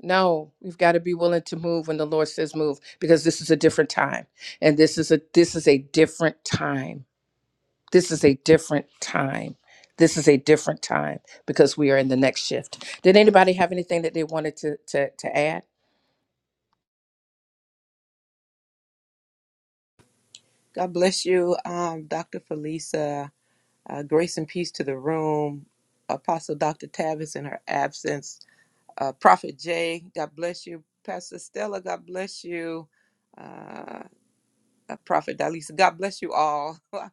Speaker 2: No, we've got to be willing to move when the Lord says move, because this is a different time, and this is a this is a different time this is a different time. This is a different time because we are in the next shift. Did anybody have anything that they wanted to to, to add?
Speaker 3: God bless you, um, Dr. Felisa. Uh, grace and peace to the room. Apostle Dr. Tavis in her absence. Uh, Prophet Jay, God bless you. Pastor Stella, God bless you. Uh, uh, Prophet Dalisa. God bless you all. I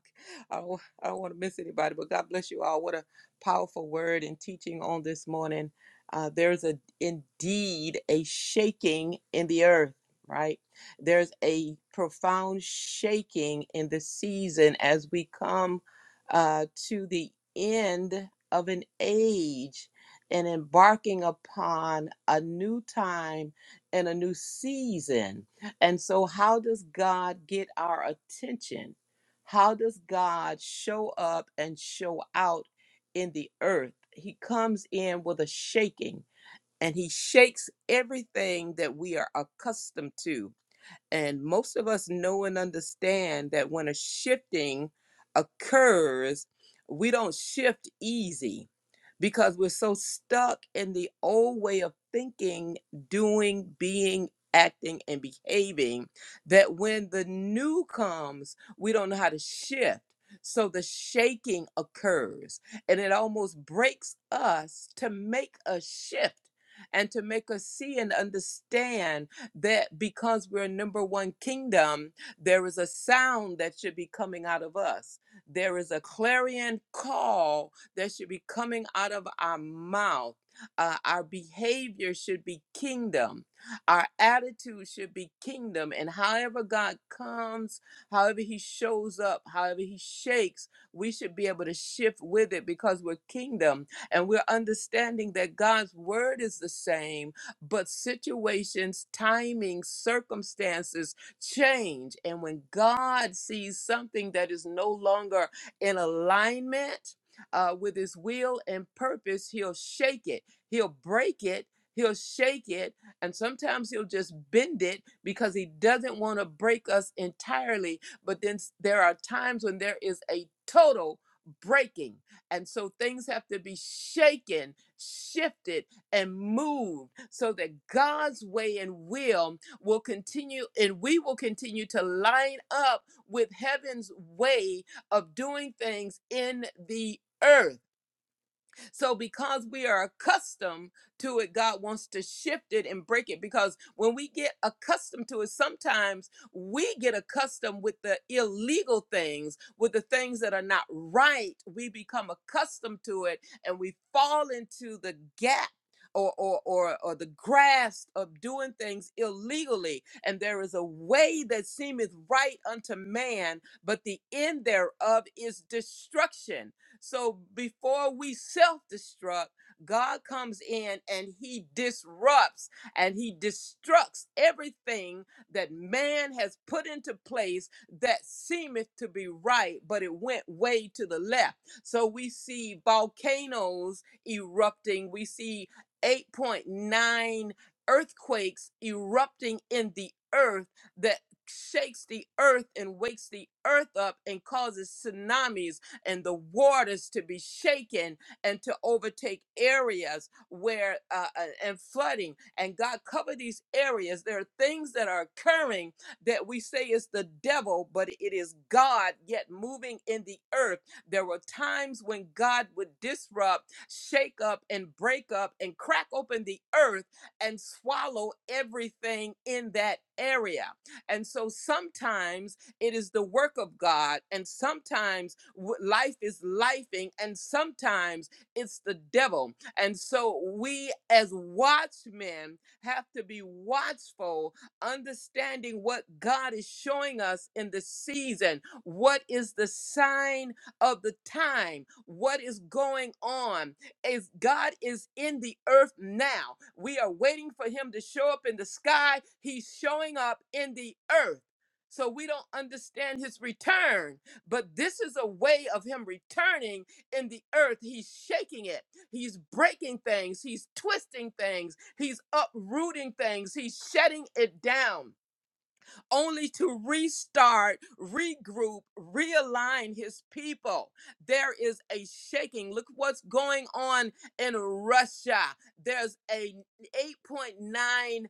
Speaker 3: don't, I don't want to miss anybody, but God bless you all. What a powerful word and teaching on this morning. Uh, there's a indeed a shaking in the earth, right? There's a profound shaking in the season as we come uh, to the end of an age and embarking upon a new time and a new season and so, how does God get our attention? How does God show up and show out in the earth? He comes in with a shaking and he shakes everything that we are accustomed to. And most of us know and understand that when a shifting occurs, we don't shift easy because we're so stuck in the old way of thinking, doing, being, acting, and behaving that when the new comes, we don't know how to shift. So the shaking occurs and it almost breaks us to make a shift and to make us see and understand that because we're number one kingdom, there is a sound that should be coming out of us. There is a clarion call that should be coming out of our mouth. Uh, our behavior should be kingdom. Our attitude should be kingdom. And however God comes, however He shows up, however He shakes, we should be able to shift with it because we're kingdom and we're understanding that God's word is the same but situations, timing, circumstances change. And when God sees something that is no longer in alignment uh, with his will and purpose, he'll shake it, he'll break it. He'll shake it and sometimes he'll just bend it because he doesn't want to break us entirely. But then s- there are times when there is a total breaking. And so things have to be shaken, shifted, and moved so that God's way and will will continue and we will continue to line up with heaven's way of doing things in the earth. So, because we are accustomed to it, God wants to shift it and break it. Because when we get accustomed to it, sometimes we get accustomed with the illegal things, with the things that are not right. We become accustomed to it and we fall into the gap. Or, or, or, or the grasp of doing things illegally. And there is a way that seemeth right unto man, but the end thereof is destruction. So before we self destruct, God comes in and he disrupts and he destructs everything that man has put into place that seemeth to be right, but it went way to the left. So we see volcanoes erupting, we see 8.9 earthquakes erupting in the earth that shakes the earth and wakes the earth up and causes tsunamis and the waters to be shaken and to overtake areas where uh, uh, and flooding and god cover these areas there are things that are occurring that we say is the devil but it is god yet moving in the earth there were times when god would disrupt shake up and break up and crack open the earth and swallow everything in that area and so sometimes it is the work of God. And sometimes w- life is lifing, and sometimes it's the devil. And so we, as watchmen, have to be watchful, understanding what God is showing us in the season. What is the sign of the time? What is going on? Is God is in the earth now? We are waiting for Him to show up in the sky. He's showing up in the earth. So we don't understand his return, but this is a way of him returning in the earth. He's shaking it, he's breaking things, he's twisting things, he's uprooting things, he's shutting it down only to restart, regroup, realign his people. There is a shaking. Look what's going on in Russia. There's a 8.9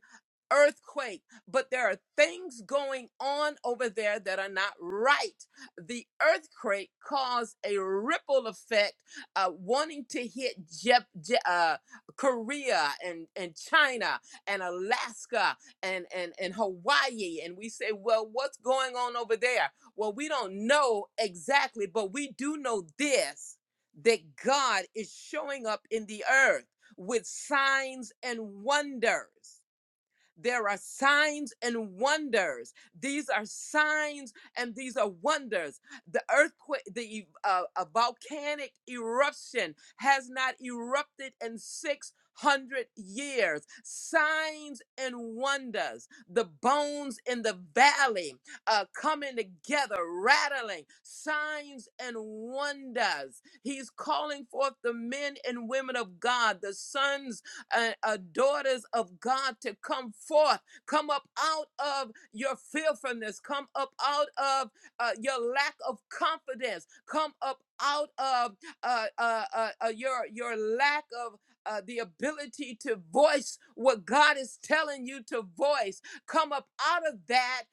Speaker 3: earthquake, but there are things going on over there that are not right. The earthquake caused a ripple effect, uh, wanting to hit Jap- Ja- uh, Korea and, and China and Alaska and and and Hawaii and we say well what's going on over there well we don't know exactly but we do know this that God is showing up in the earth with signs and wonders there are signs and wonders. These are signs and these are wonders. The earthquake, the e- uh, a volcanic eruption has not erupted in 600 years. Signs and wonders. The bones in the valley uh, coming together, rattling. Signs and wonders. He's calling forth the men and women of God, the sons uh, uh, daughters of God to come forth, come up out of your fearfulness, come up out of uh, your lack of confidence, come up out of uh, uh, uh, uh, your your lack of uh, the ability to voice what God is telling you to voice. Come up out of that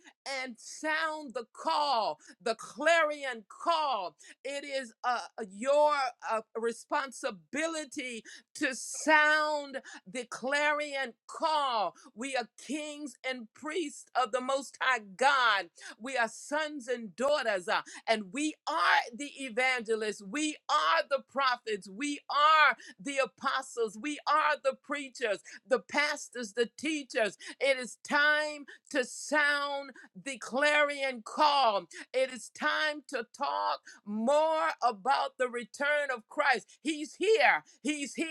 Speaker 3: and sound the call, the clarion call. It is uh, your uh, responsibility to sound declaring and call. We are kings and priests of the Most High God. We are sons and daughters, uh, and we are the evangelists. We are the prophets. We are the apostles. We are the preachers, the pastors, the teachers. It is time to sound the clarion call. It is time to talk more about the return of Christ. He's here. He's here.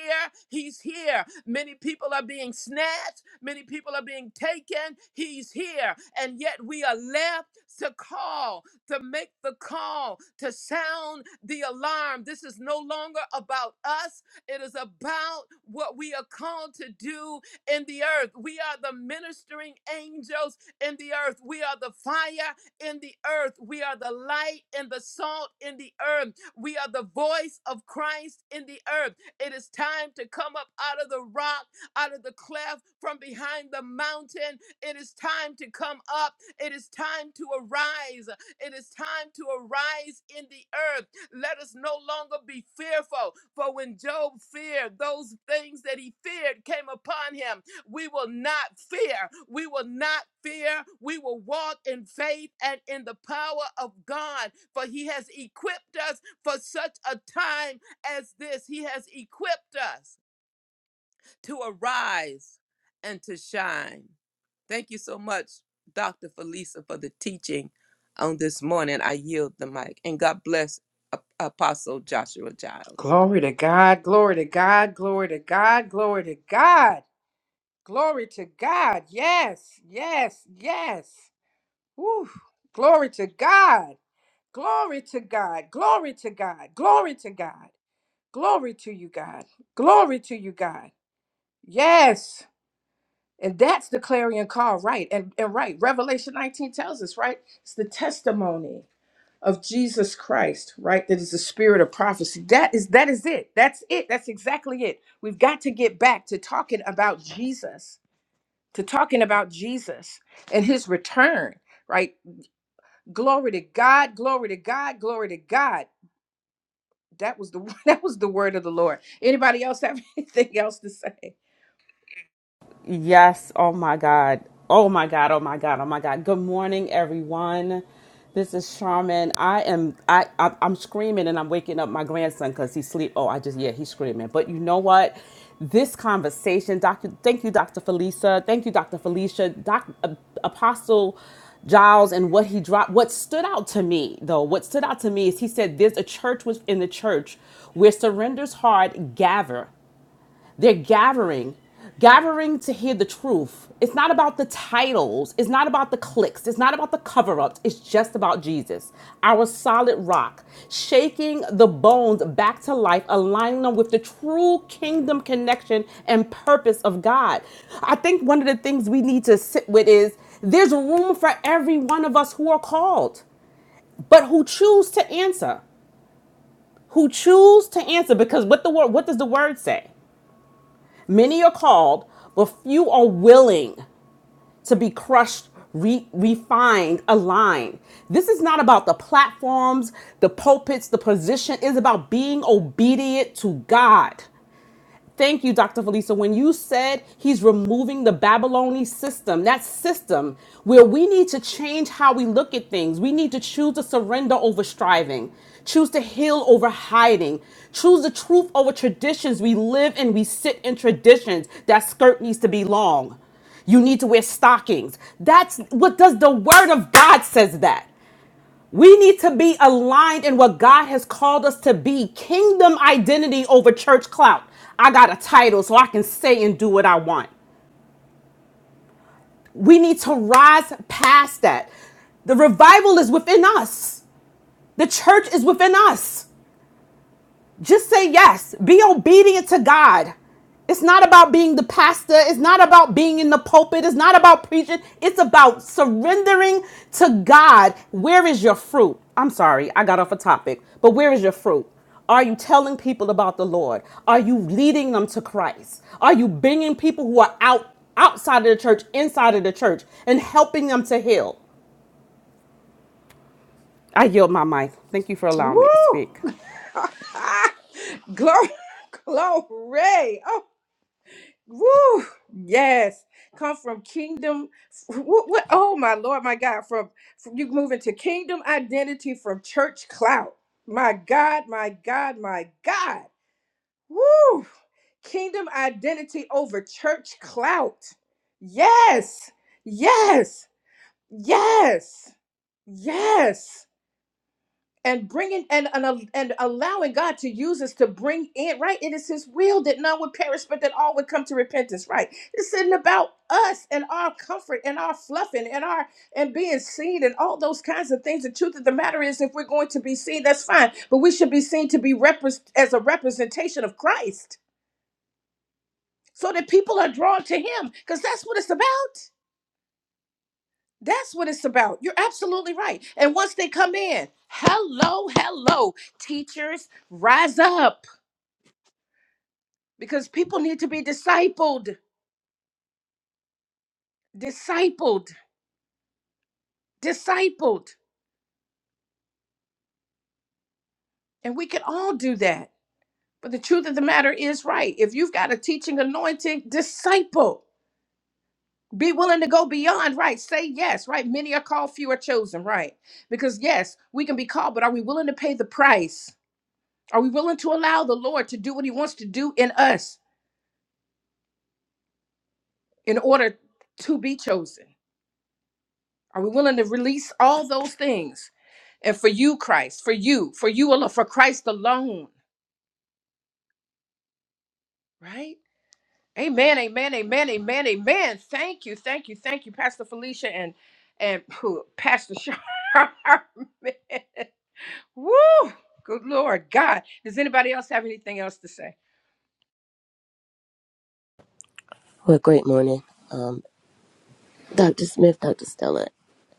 Speaker 3: He's here. Many people are being snatched, many people are being taken. He's here, and yet we are left to call, to make the call, to sound the alarm. This is no longer about us, it is about what we are called to do in the earth. We are the ministering angels in the earth, we are the fire in the earth, we are the light and the salt in the earth, we are the voice of Christ in the earth. It is time to come up out of the rock, out of the cleft, from behind the mountain. It is time to come up. It is time to arise. It is time to arise in the earth. Let us no longer be fearful. For when Job feared, those things that he feared came upon him. We will not fear. We will not fear. We will walk in faith and in the power of God. For he has equipped us for such a time as this, He has equipped us to arise and to shine. Thank you so much, Dr. Felisa, for the teaching on this morning. I yield the mic. And God bless Ap- Apostle Joshua Giles.
Speaker 2: Glory to God, glory to God, glory to God, glory to God, glory to God. Yes, yes, yes. Woo. Glory to God, glory to God, glory to God, glory to God, glory to you, God, glory to you, God. Yes. And that's the clarion call, right? And, and right, Revelation 19 tells us, right? It's the testimony of Jesus Christ, right? That is the spirit of prophecy. That is that is it. That's it. That's exactly it. We've got to get back to talking about Jesus, to talking about Jesus and his return, right? Glory to God, glory to God, glory to God. That was the that was the word of the Lord. Anybody else have anything else to say?
Speaker 4: Yes. Oh my God. Oh my God. Oh my God. Oh my God. Good morning, everyone. This is Charmin. I am. I. I I'm screaming and I'm waking up my grandson because he's sleep. Oh, I just yeah, he's screaming. But you know what? This conversation, Doctor. Thank you, Doctor Felisa. Thank you, Doctor Felicia. Doc. uh, Apostle. Giles and what he dropped. What stood out to me, though, what stood out to me is he said, There's a church within the church where surrender's hard gather. They're gathering, gathering to hear the truth. It's not about the titles, it's not about the clicks, it's not about the cover ups, it's just about Jesus, our solid rock, shaking the bones back to life, aligning them with the true kingdom connection and purpose of God. I think one of the things we need to sit with is there's room for every one of us who are called, but who choose to answer. Who choose to answer because what the word what does the word say? Many are called, but few are willing to be crushed, re- refined, aligned. This is not about the platforms, the pulpits, the position. It's about being obedient to God. Thank you, Dr. Felisa. When you said he's removing the Babylonian system, that system where we need to change how we look at things, we need to choose to surrender over striving, choose to heal over hiding, choose the truth over traditions. We live and we sit in traditions. That skirt needs to be long. You need to wear stockings. That's what does the word of God says that. We need to be aligned in what God has called us to be kingdom identity over church clout. I got a title so I can say and do what I want. We need to rise past that. The revival is within us, the church is within us. Just say yes. Be obedient to God. It's not about being the pastor. It's not about being in the pulpit. It's not about preaching. It's about surrendering to God. Where is your fruit? I'm sorry, I got off a topic, but where is your fruit? Are you telling people about the Lord? Are you leading them to Christ? Are you bringing people who are out outside of the church, inside of the church, and helping them to heal? I yield my mic. Thank you for
Speaker 2: Woo!
Speaker 4: allowing me to speak.
Speaker 2: glory Glory. Oh, woo. Yes. Come from kingdom. What, what? Oh, my Lord, my God. From, from you moving to kingdom identity from church clout. My God, my God, my God. Woo. Kingdom identity over church clout. Yes. Yes. Yes. Yes. and bringing and, and and allowing God to use us to bring in right. It is His will that none would perish, but that all would come to repentance. Right? This isn't about us and our comfort and our fluffing and our and being seen and all those kinds of things. The truth of the matter is, if we're going to be seen, that's fine, but we should be seen to be repres as a representation of Christ, so that people are drawn to Him, because that's what it's about. That's what it's about. You're absolutely right. And once they come in, hello, hello, teachers, rise up because people need to be discipled, discipled, discipled. And we can all do that. But the truth of the matter is, right, if you've got a teaching anointing, disciple. Be willing to go beyond, right? Say yes, right? Many are called, few are chosen, right? Because yes, we can be called, but are we willing to pay the price? Are we willing to allow the Lord to do what he wants to do in us? in order to be chosen? Are we willing to release all those things? And for you, Christ, for you, for you alone, for Christ alone, right? Amen, amen, amen, amen, amen. Thank you, thank you, thank you, Pastor Felicia and and whew, Pastor Charmin. Woo! Good Lord God. Does anybody else have anything else to say?
Speaker 5: What a great morning. Um, Dr. Smith, Dr. Stella,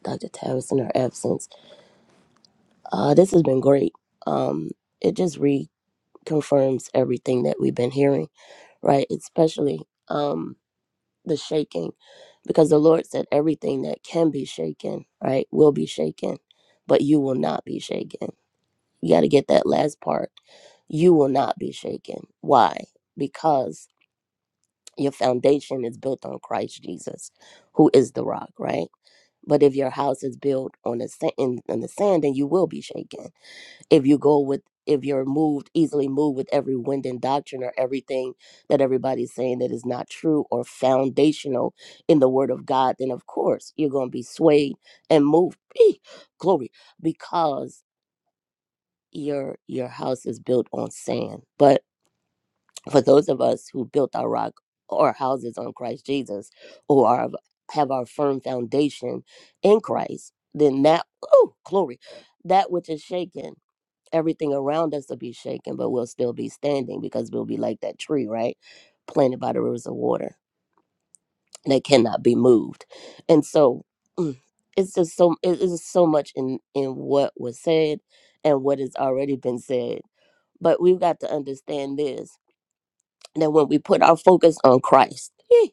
Speaker 5: Dr. Tavis in her absence. Uh, this has been great. Um, it just reconfirms everything that we've been hearing, right? Especially um, the shaking, because the Lord said everything that can be shaken, right, will be shaken, but you will not be shaken. You got to get that last part. You will not be shaken. Why? Because your foundation is built on Christ Jesus, who is the rock, right? But if your house is built on the sand, in, on the sand, then you will be shaken. If you go with, if you're moved easily moved with every wind and doctrine or everything that everybody's saying that is not true or foundational in the Word of God, then of course you're going to be swayed and moved. Glory, because your your house is built on sand. But for those of us who built our rock or houses on Christ Jesus who are, have our firm foundation in Christ, then that, oh, glory, that which is shaken, everything around us will be shaken, but we'll still be standing because we'll be like that tree, right? Planted by the rivers of water that cannot be moved. And so, mm, it's just so it is so much in in what was said and what has already been said but we've got to understand this that when we put our focus on Christ, eh,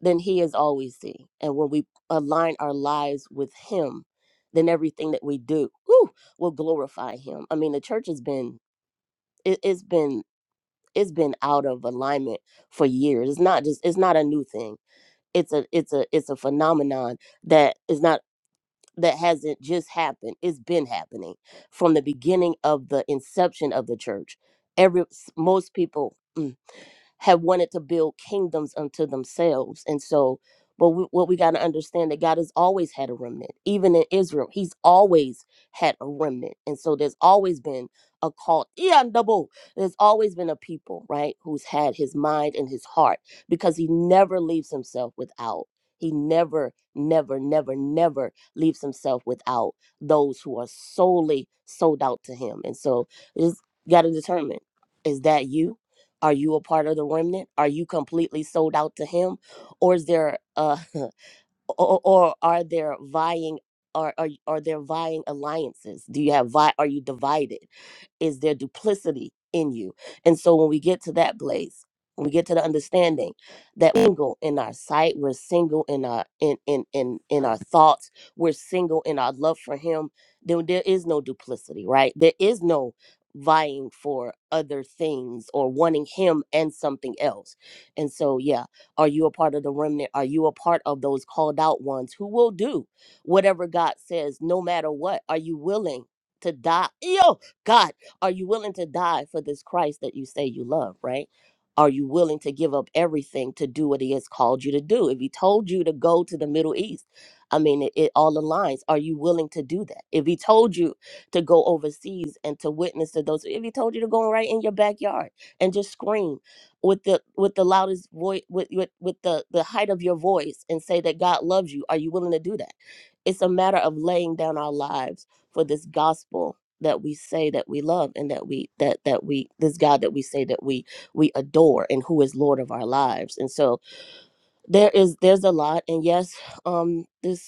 Speaker 5: then He is always seen. And when we align our lives with Him, then everything that we do whew, will glorify Him. I mean, the church has been it, it's been it's been out of alignment for years. It's not just it's not a new thing. It's a it's a it's a phenomenon that is not that hasn't just happened. It's been happening from the beginning of the inception of the church. Every most people. mm, have wanted to build kingdoms unto themselves. And so, but we, what we got to understand that God has always had a remnant, even in Israel, He's always had a remnant. And so, there's always been a cult, yeah, double. There's always been a people, right, who's had His mind and His heart because He never leaves Himself without. He never, never, never, never leaves Himself without those who are solely sold out to Him. And so, just got to determine is that you? Are you a part of the remnant? Are you completely sold out to him? Or is there uh or, or are there vying are, are are there vying alliances? Do you have vi- are you divided? is their duplicity in you. And so when we get to that place, when we get to the understanding that we're single in our sight, we're single in our in in in in our thoughts, we're single in our love for him, then there is no duplicity, right? There is no vying for other things or wanting him and something else. And so yeah, are you a part of the remnant? Are you a part of those called out ones who will do whatever God says no matter what? Are you willing to die? Yo, God. Are you willing to die for this Christ that you say you love, right? Are you willing to give up everything to do what he has called you to do? If he told you to go to the Middle East, I mean, it, it all aligns. Are you willing to do that? If he told you to go overseas and to witness to those, if he told you to go right in your backyard and just scream with the with the loudest voice, with with, with the the height of your voice, and say that God loves you, are you willing to do that? It's a matter of laying down our lives for this gospel that we say that we love and that we that that we this God that we say that we we adore and who is Lord of our lives. And so there is there's a lot and yes, um this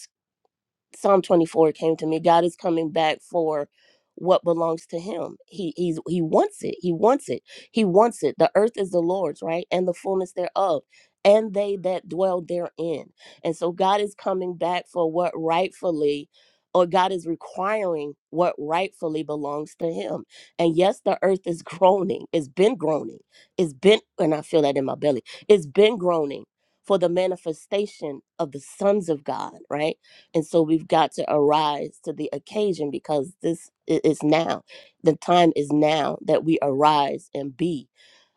Speaker 5: Psalm 24 came to me. God is coming back for what belongs to him. He he's he wants it. He wants it. He wants it. The earth is the Lord's, right? And the fullness thereof, and they that dwell therein. And so God is coming back for what rightfully or God is requiring what rightfully belongs to him. And yes, the earth is groaning. It's been groaning. It's been and I feel that in my belly. It's been groaning for the manifestation of the sons of God, right? and so we've got to arise to the occasion because this i- is now the time is now that we arise and be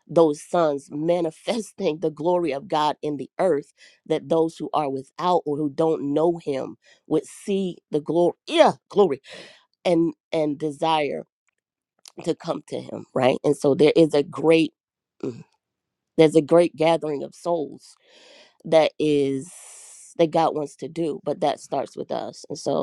Speaker 5: those sons manifesting the glory of god in the earth that those who are without or who don't know him would see the glory yeah glory and and desire to come to him right and so there is a great there's a great gathering of souls that is that god wants to do but that starts with us and so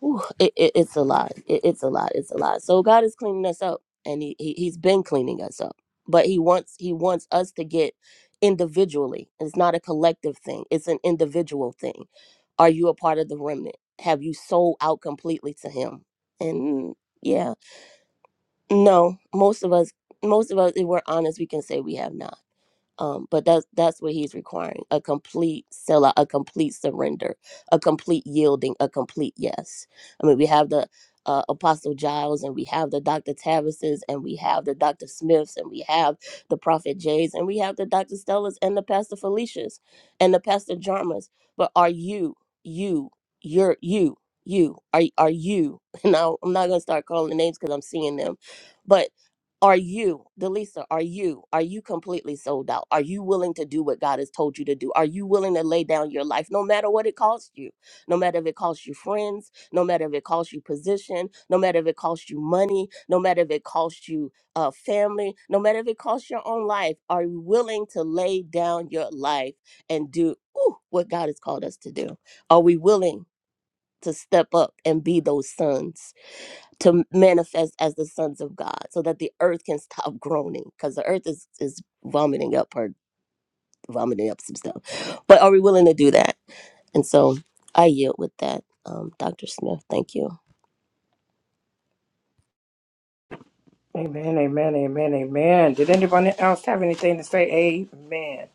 Speaker 5: Whew, it, it, it's a lot. It, it's a lot. It's a lot. So God is cleaning us up, and he, he He's been cleaning us up, but He wants He wants us to get individually. It's not a collective thing. It's an individual thing. Are you a part of the remnant? Have you sold out completely to Him? And yeah, no, most of us, most of us, if we're honest, we can say we have not. Um, but that's that's what he's requiring: a complete sellout, a complete surrender, a complete yielding, a complete yes. I mean, we have the uh, Apostle Giles, and we have the Doctor Tavises, and we have the Doctor Smiths, and we have the Prophet Jays, and we have the Doctor Stellas, and the Pastor Felicias, and the Pastor Jarmas. But are you, you, you're you, you? Are are you? Now I'm not gonna start calling names because I'm seeing them but are you, Delisa, are you, are you completely sold out? Are you willing to do what God has told you to do? Are you willing to lay down your life no matter what it costs you? No matter if it costs you friends, no matter if it costs you position, no matter if it costs you money, no matter if it costs you uh, family, no matter if it costs your own life, are you willing to lay down your life and do ooh, what God has called us to do? Are we willing to step up and be those sons? to manifest as the sons of God so that the earth can stop groaning because the earth is, is vomiting up or vomiting up some stuff. But are we willing to do that? And so I yield with that, um, Dr. Smith. Thank you.
Speaker 2: Amen, amen, amen, amen. Did anybody else have anything to say? Amen.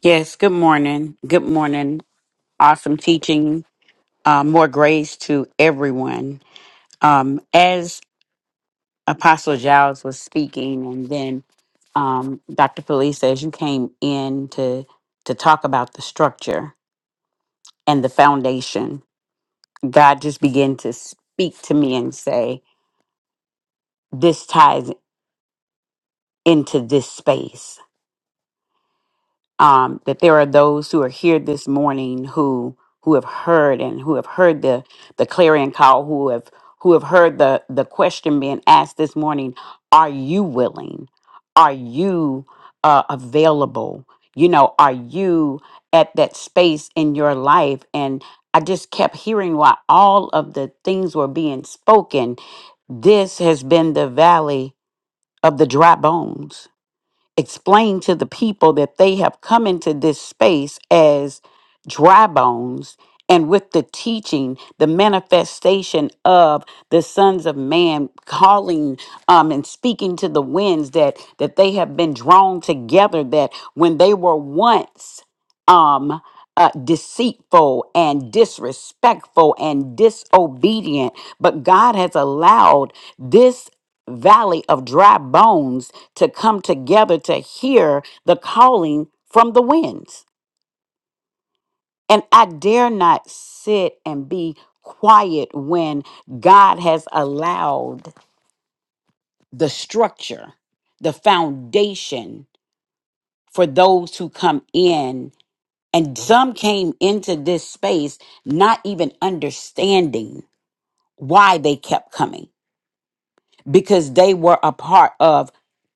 Speaker 6: Yes, good morning. Good morning. Awesome teaching. Uh, more grace to everyone. Um, as Apostle Giles was speaking, and then um, Dr. Felice, as you came in to to talk about the structure and the foundation, God just began to speak to me and say, "This ties into this space." um, that there are those who are here this morning who who have heard and who have heard the the clarion call, who have who have heard the the question being asked this morning: Are you willing? Are you uh, available? You know, are you at that space in your life? And I just kept hearing while all of the things were being spoken. This has been the valley of the dry bones explain to the people that they have come into this space as dry bones and with the teaching the manifestation of the sons of man calling um, and speaking to the winds that that they have been drawn together that when they were once um uh, deceitful and disrespectful and disobedient but god has allowed this valley of dry bones to come together to hear the calling from the winds. And I dare not sit and be quiet when God has allowed the structure, the foundation for those who come in. And some came into this space not even understanding why they kept coming because they were a part of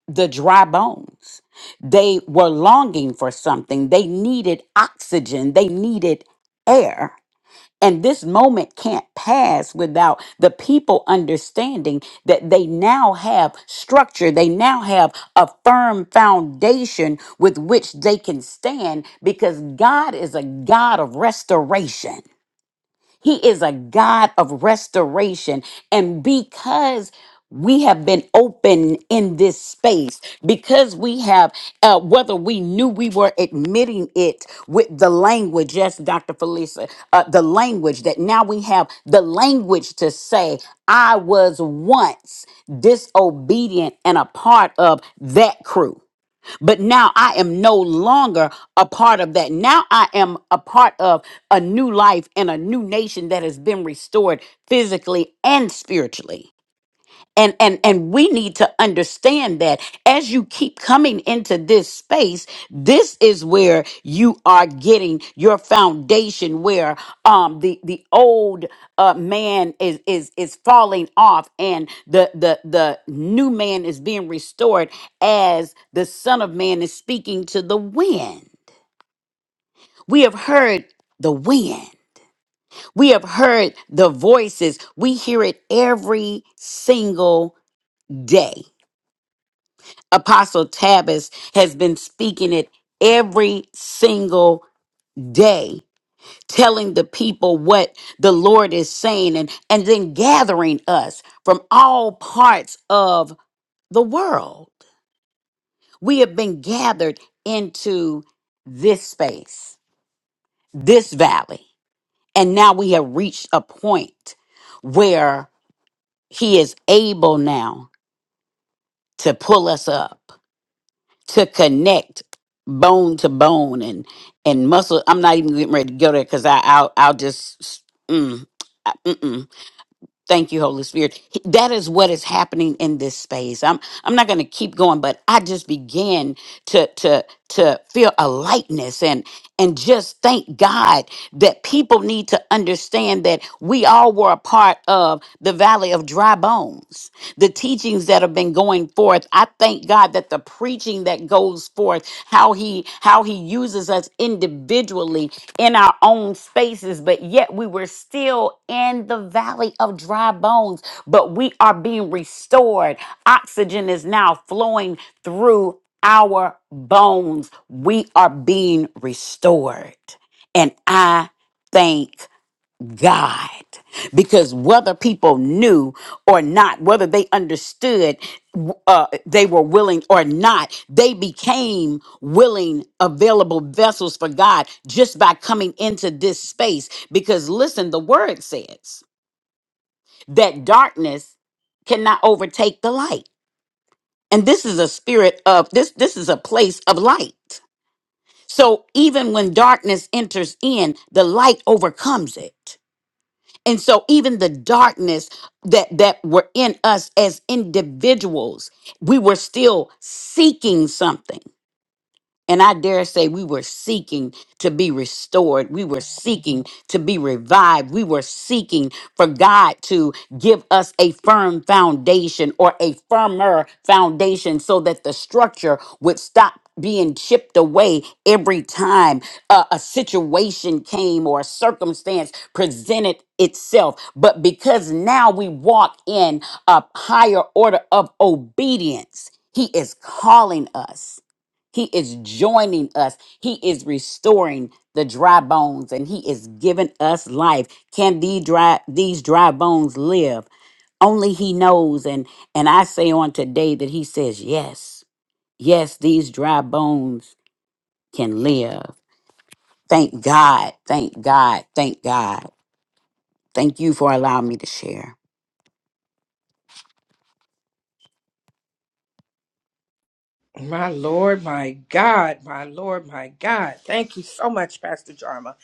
Speaker 6: the dry bones. They were longing for something. They needed oxygen. They needed air. And this moment can't pass without the people understanding that they now have structure. They now have a firm foundation with which they can stand because God is a God of restoration. He is a God of restoration. And because we have been open in this space because we have, uh, whether we knew we were admitting it with the language, yes, Dr. Felisa, uh, the language that now we have the language to say, I was once disobedient and a part of that crew. But now I am no longer a part of that. Now I am a part of a new life and a new nation that has been restored physically and spiritually and and and we need to understand that as you keep coming into this space this is where you are getting your foundation where um the the old uh man is is is falling off and the the the new man is being restored as the son of man is speaking to the wind we have heard the wind we have heard the voices we hear it every single day Apostle Tabbas has been speaking it every single day, telling the people what the Lord is saying and, and then gathering us from all parts of the world. We have been gathered into this space, this valley, and now we have reached a point where He is able now to pull us up to connect bone to bone and and muscle. I'm not even getting ready to go there because I I'll, I'll just mm, mm-mm. thank you, Holy Spirit. He- That is what is happening in this space. I'm I'm not going to keep going, but I just began to to to feel a lightness and and just thank God that people need to understand that we all were a part of the valley of dry bones. The teachings that have been going forth, I thank God that that the preaching that goes forth, how he how he uses us individually in our own spaces, but yet we were still in the valley of dry bones, but we are being restored. Oxygen is now flowing through our bones. We are being restored. And I thank God. Because whether people knew or not, whether they understood, uh, they were willing or not, they became willing, available vessels for God just by coming into this space. Because listen, the word says that darkness cannot overtake the light. And this is a spirit of this, this is a place of light. So even when darkness enters in, the light overcomes it. And so even the darkness that that were in us as individuals, we were still seeking something and I dare say we were seeking to be restored. We were seeking to be revived. We were seeking for God to give us a firm foundation or a firmer foundation so that the structure would stop being chipped away every time uh, a situation came or a circumstance presented itself. But because now we walk in a higher order of obedience, He is calling us. He is joining us. He is restoring the dry bones and he is giving us life. Can these dry these dry bones live? Only he knows and and I say on today that he says yes. Yes, these dry bones can live. Thank God. Thank God. Thank God. Thank you for allowing me to share.
Speaker 2: My Lord, my God, my Lord, my God. Thank you so much, Pastor Jarma.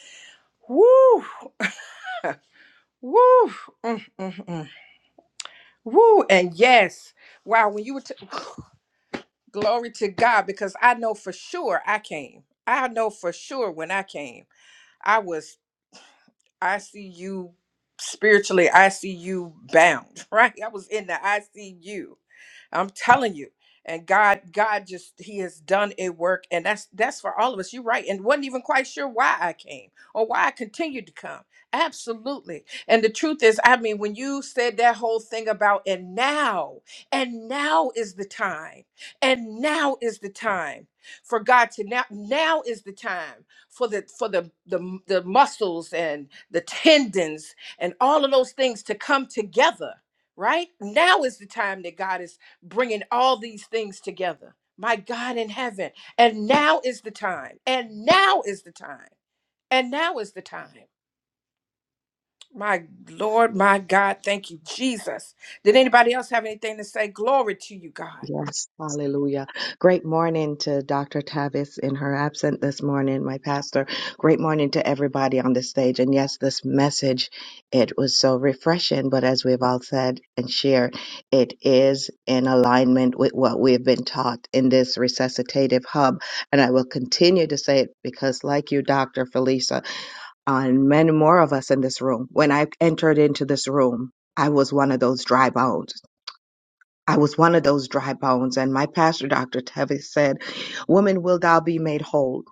Speaker 2: Woo, woo, mm, mm, mm. woo. And yes, wow, when you were, t- glory to God, because I know for sure I came. I know for sure when I came, I was, I see you spiritually, I see you bound, right? I was in the ICU I'm telling you. And God, God just He has done a work, and that's that's for all of us. You're right, and wasn't even quite sure why I came or why I continued to come. Absolutely. And the truth is, I mean, when you said that whole thing about and now, and now is the time, and now is the time for God to now now is the time for the for the the, the muscles and the tendons and all of those things to come together right? Now is the time that God is bringing all these things together. My God in heaven. And now is the time. And now is the time. And now is the time. My Lord, my God, thank you, Jesus. Did anybody else have anything to say? Glory to you, God.
Speaker 7: Yes, hallelujah. Great morning to Dr. Tavis in her absent this morning, my pastor. Great morning to everybody on the stage. And yes, this message, it was so refreshing, but as we've all said and shared, it is in alignment with what we've been taught in this resuscitative hub. And I will continue to say it because like you, Dr. Felisa, and many more of us in this room, when I entered into this room, I was one of those dry bones. I was one of those dry bones, and my pastor, Dr. Tevis, said, Woman, will thou be made whole?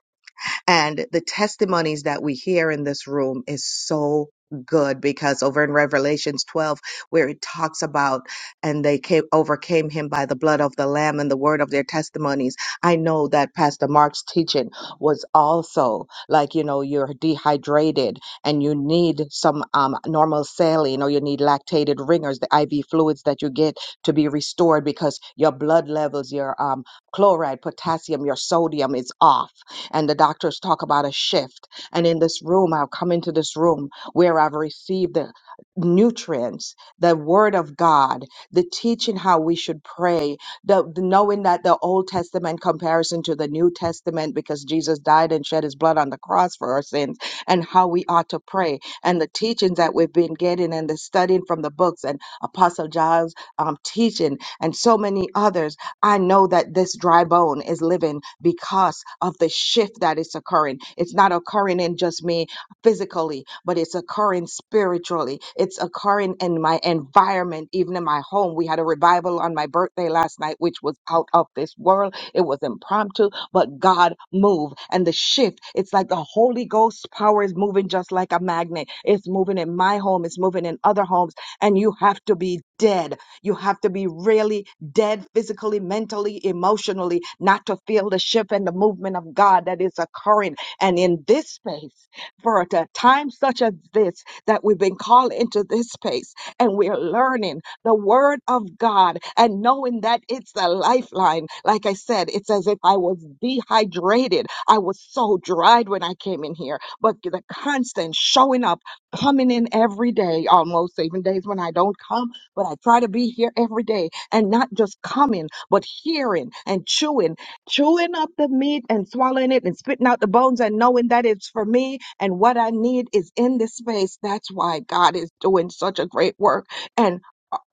Speaker 7: And the testimonies that we hear in this room is so good because over in Revelations 12, where it talks about, and they came, overcame him by the blood of the Lamb and the word of their testimonies. I know that Pastor Mark's teaching was also like, you know, you're dehydrated and you need some um, normal saline or you need lactated ringers, the IV fluids that you get to be restored because your blood levels, your um, chloride, potassium, your sodium is off and the doctors talk about a shift. And in this room, I've come into this room where I've received the nutrients, the word of God, the teaching how we should pray, the, the knowing that the Old Testament comparison to the New Testament because Jesus died and shed his blood on the cross for our sins, and how we ought to pray, and the teachings that we've been getting and the studying from the books and Apostle Giles um, teaching and so many others I know that this dry bone is living because of the shift that is occurring. It's not occurring in just me physically, but it's occurring spiritually. It's occurring in my environment, even in my home. We had a revival on my birthday last night, which was out of this world. It was impromptu, but God moved. And the shift, it's like the Holy Ghost power is moving just like a magnet. It's moving in my home, it's moving in other homes. And you have to be dead. You have to be really dead physically, mentally, emotionally, not to feel the shift and the movement of God that is occurring. And in this space, for a time such as this, that we've been called into this space and we're learning the word of God and knowing that it's a lifeline. Like I said, it's as if I was dehydrated. I was so dried when I came in here, but the constant showing up, coming in every day, almost even days when I don't come, but I try to be here every day and not just coming, but hearing and chewing, chewing up the meat and swallowing it and spitting out the bones and knowing that it's for me and what I need is in this space. That's why God is doing such a great work. And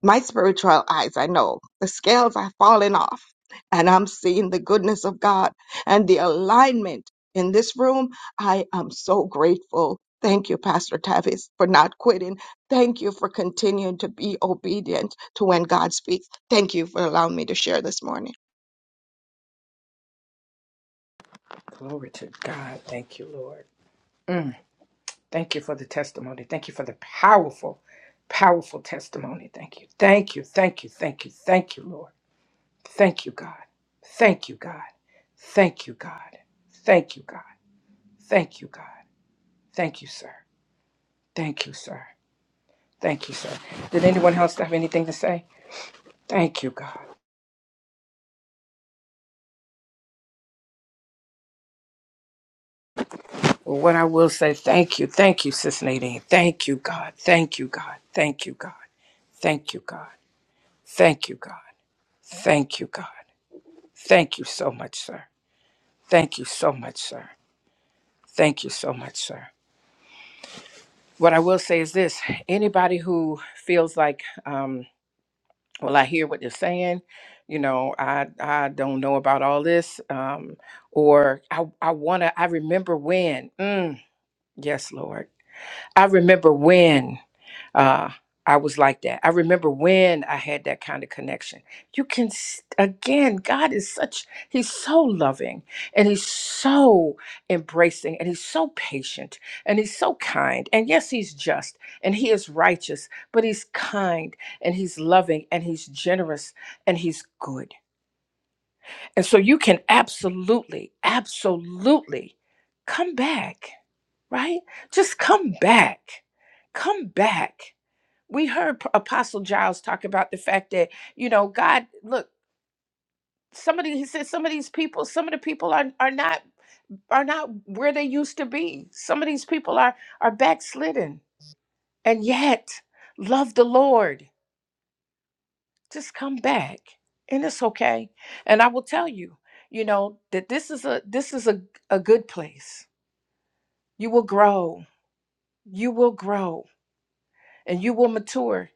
Speaker 7: my spiritual eyes, I know the scales are falling off and I'm seeing the goodness of God and the alignment in this room. I am so grateful. Thank you, Pastor Tavis, for not quitting. Thank you for continuing to be obedient to when God speaks. Thank you for allowing me to share this morning.
Speaker 2: Glory to God. Thank you, Lord. Mm, thank you for the testimony. Thank you for the powerful, powerful testimony. Thank you. Thank you. Thank you. Thank you. Thank you, Lord. Thank you, God. Thank you, God. Thank you, God. Thank you, God. Thank you, God. Thank you, sir. Thank you, sir. Thank you, sir. Did anyone else have anything to say? Thank you, God. Well, what I will say, thank you. Thank you, Sis Nadine. Thank you, God. Thank you, God. Thank you, God. Thank you, God. Thank you, God. Thank you, God. Thank you so much, sir. Thank you so much, sir. Thank you so much, sir. What I will say is this anybody who feels like, um, well i hear what they're saying you know i i don't know about all this um or i i want to i remember when mm, yes lord i remember when uh, I was like that. I remember when I had that kind of connection. You can, s- again, God is such, He's so loving and He's so embracing and He's so patient and He's so kind. And yes, He's just and He is righteous, but He's kind and He's loving and He's generous and He's good. And so you can absolutely, absolutely come back, right? Just come back. Come back we heard P- apostle giles talk about the fact that you know god look somebody he said some of these people some of the people are, are not are not where they used to be some of these people are are backslidden and yet love the lord just come back and it's okay and i will tell you you know that this is a this is a, a good place you will grow you will grow and you will mature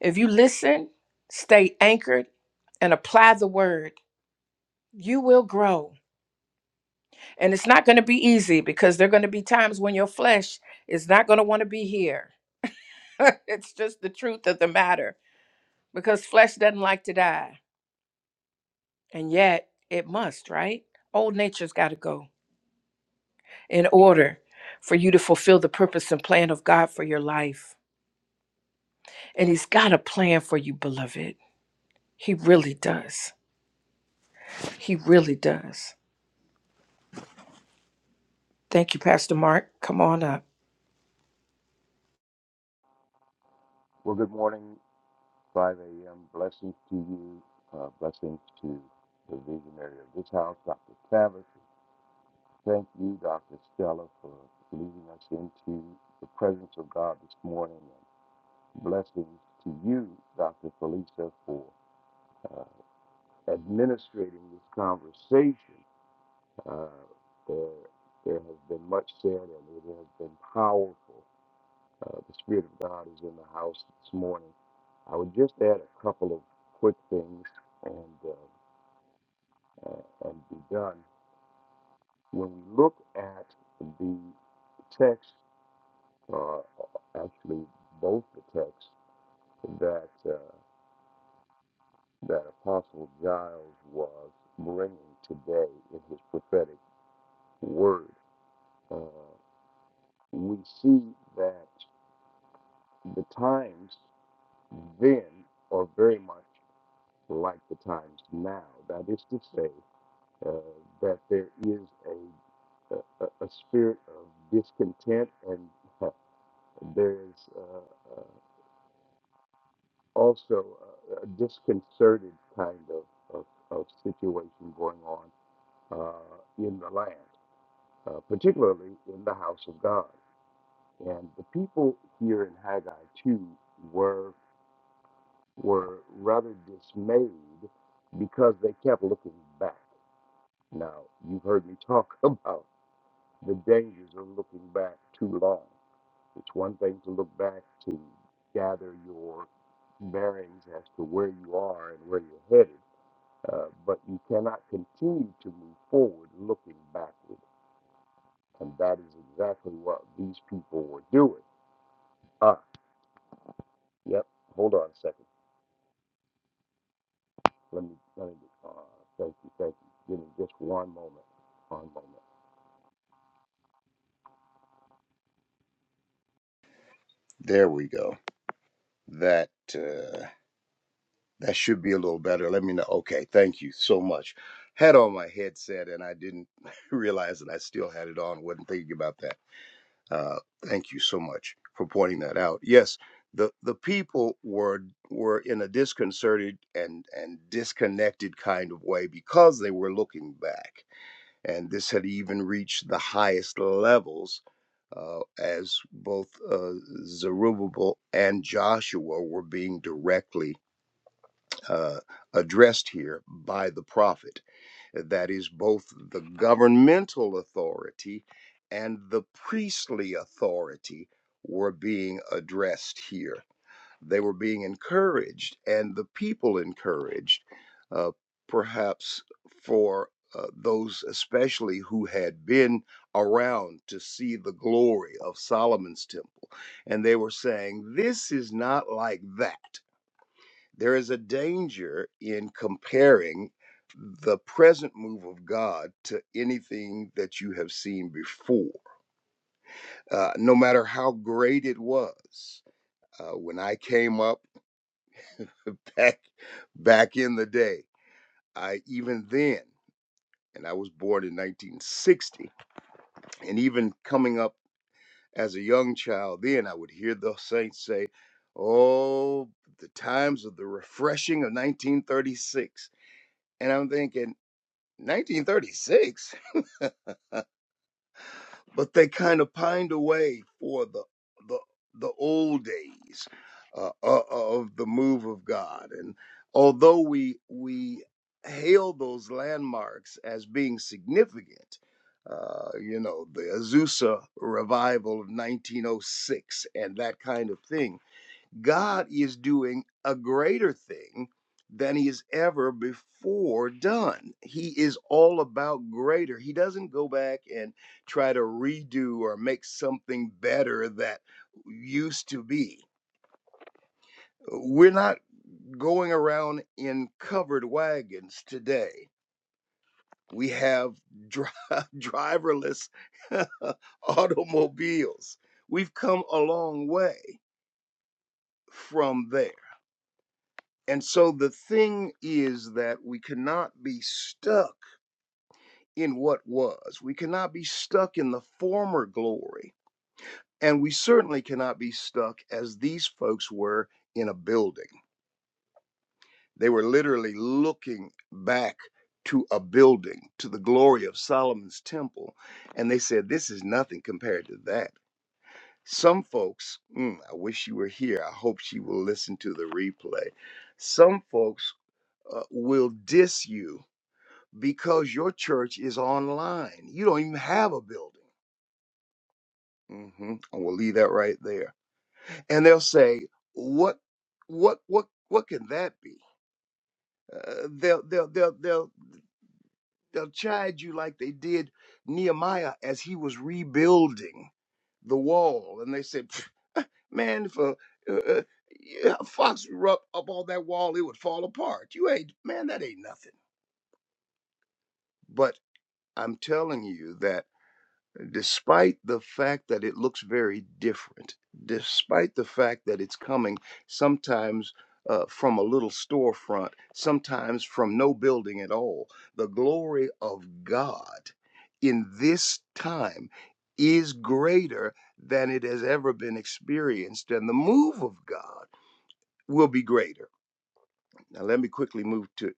Speaker 2: if you listen stay anchored and apply the word you will grow. And it's not going to be easy because there are going to be times when your flesh is not going to want to be here. it's just the truth of the matter because flesh doesn't like to die. And yet it must, right? Old nature's got to go in order for you to fulfill the purpose and plan of God for your life. And He's got a plan for you, beloved. He really does. He really does. Thank you, Pastor Mark. Come on up.
Speaker 8: There we go. That uh, that should be a little better. Let me know. Okay, thank you so much. Had on my headset and I didn't realize that I still had it on. wasn't thinking about that. Uh, thank you so much for pointing that out. Yes, the the people were were in a disconcerted and and disconnected kind of way because they were looking back, and this had even reached the highest levels uh, as both uh, Zerubbabel and Joshua were being directly uh, addressed here by the prophet. That is both the governmental authority and the priestly authority were being addressed here. They were being encouraged, and the people encouraged, uh, perhaps for uh, those especially who had been around to see the glory of Solomon's temple. And they were saying, This is not like that. There is a danger in comparing the present move of God to anything that you have seen before, uh, no matter how great it was. Uh, when I came up, back back in the day. I even then, and I was born in 1960, and even coming up as a young child, then I would hear the saints say, "Oh, the times of the refreshing of 1936," and I'm thinking, 1936. but they kind of pined away for the the the old days uh, uh, of the move of God. And although we we hail those landmarks as being significant, uh, you know, the Azusa revival of 1906 and that kind of thing God is doing a greater thing than he has ever before done. He is all about greater. He doesn't go back and try to redo or make something better that used to be. We're not going around in covered wagons today. We have dri- driverless automobiles. We've come a long way from there. And so the thing is that we cannot be stuck in what was. We cannot be stuck in the former glory. And we certainly cannot be stuck as these folks were in a building. They were literally looking back to a building, to the glory of Solomon's temple. And they said, This is nothing compared to that. Some folks, mm, I wish you were here. I hope she will listen to the replay. Some folks uh, will diss you because your church is online. You don't even have a building. hmm And we'll leave that right there. And they'll say, "What, what, what, what can that be?" Uh, they'll, they'll, they'll, they'll, they'll chide you like they did Nehemiah as he was rebuilding the wall, and they said, "Pff, "Man, if a, uh, uh, yeah, a fox were up, up on that wall, it would fall apart. You ain't, man, that ain't nothing." But I'm telling you that. despite the fact that it looks very different, despite the fact that it's coming sometimes uh, from a little storefront, sometimes from no building at all, the glory of God in this time is greater than it has ever been experienced, and the move of God will be greater. Now, let me quickly move to,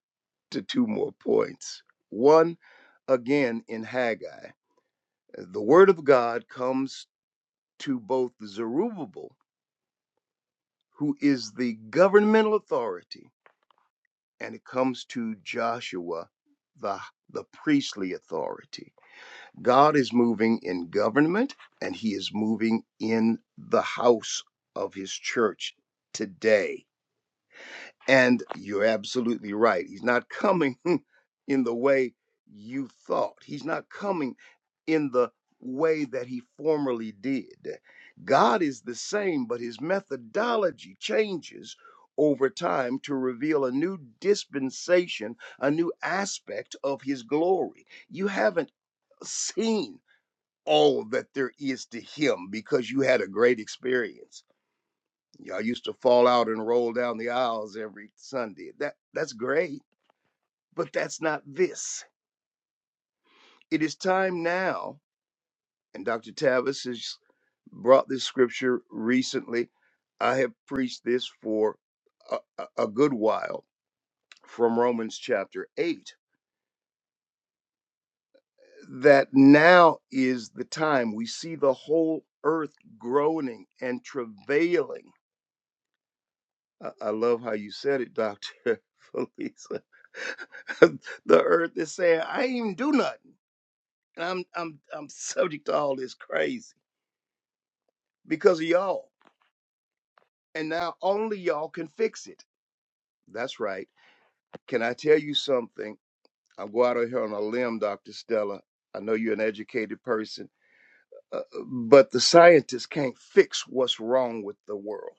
Speaker 8: to two more points. One, again, in Haggai the word of God comes to both Zerubbabel, who is the governmental authority, and it comes to Joshua, the, the priestly authority. God is moving in government and he is moving in the house of his church today And you're absolutely right. He's not coming in the way you thought. He's not coming in the way that he formerly did. God is the same, but his methodology changes over time to reveal a new dispensation, a new aspect of his glory. You haven't seen all that there is to him because you had a great experience Y'all used to fall out and roll down the aisles every Sunday. That that's great, but that's not this. It is time now, and Dr. Tavis has brought this scripture recently. I have preached this for a, a a good while from Romans chapter 8 that now is the time. We see the whole earth groaning and travailing I, I love how you said it, Doctor Felisa. the earth is saying, "I ain't even do nothing. And I'm I'm I'm subject to all this crazy because of y'all, and now only y'all can fix it." That's right. Can I tell you something? I'll go out on here on a limb, Doctor Stella. I know you're an educated person, uh, uh, but the scientists can't fix what's wrong with the world.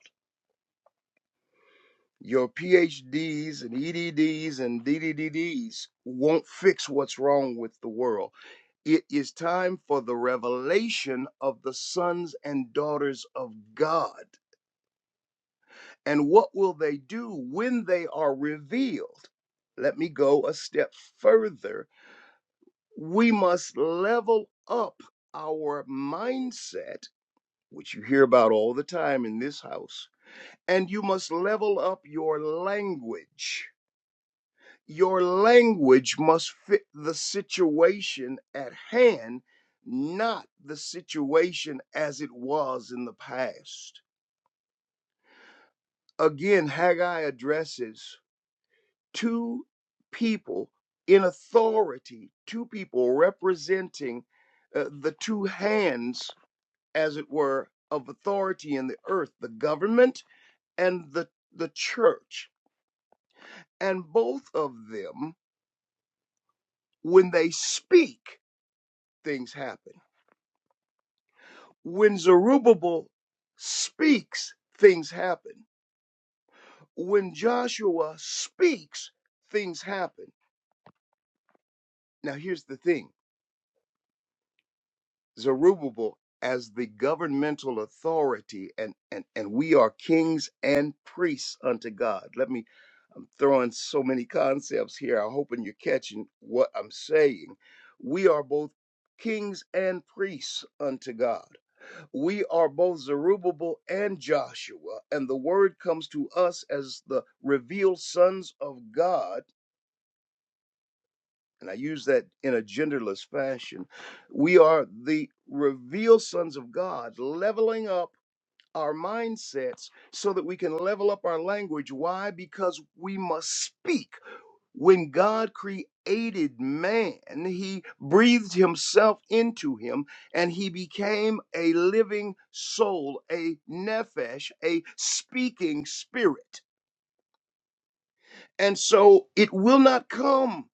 Speaker 8: Your PhDs and EDDs and DDDDs won't fix what's wrong with the world. It is time for the revelation of the sons and daughters of God. And what will they do when they are revealed? Let me go a step further. We must level up our mindset, which you hear about all the time in this house, and you must level up your language Your language must fit the situation at hand, not the situation as it was in the past. Again, Haggai addresses two people in authority, two people representing uh, the two hands, as it were, of authority in the earth the government and the, the church. And both of them, when they speak, things happen When Zerubbabel speaks, things happen. When Joshua speaks, things happen. Now, here's the thing Zerubbabel, as the governmental authority, and, and, and we are kings and priests unto God. Let me, I'm throwing so many concepts here. I'm hoping you're catching what I'm saying. We are both kings and priests unto God. we are both Zerubbabel and Joshua, and the word comes to us as the revealed sons of God. And I use that in a genderless fashion. We are the revealed sons of God, leveling up our mindsets so that we can level up our language. Why? Because we must speak. When God created man, he breathed himself into him and he became a living soul, a nephesh, a speaking spirit. And so it will not come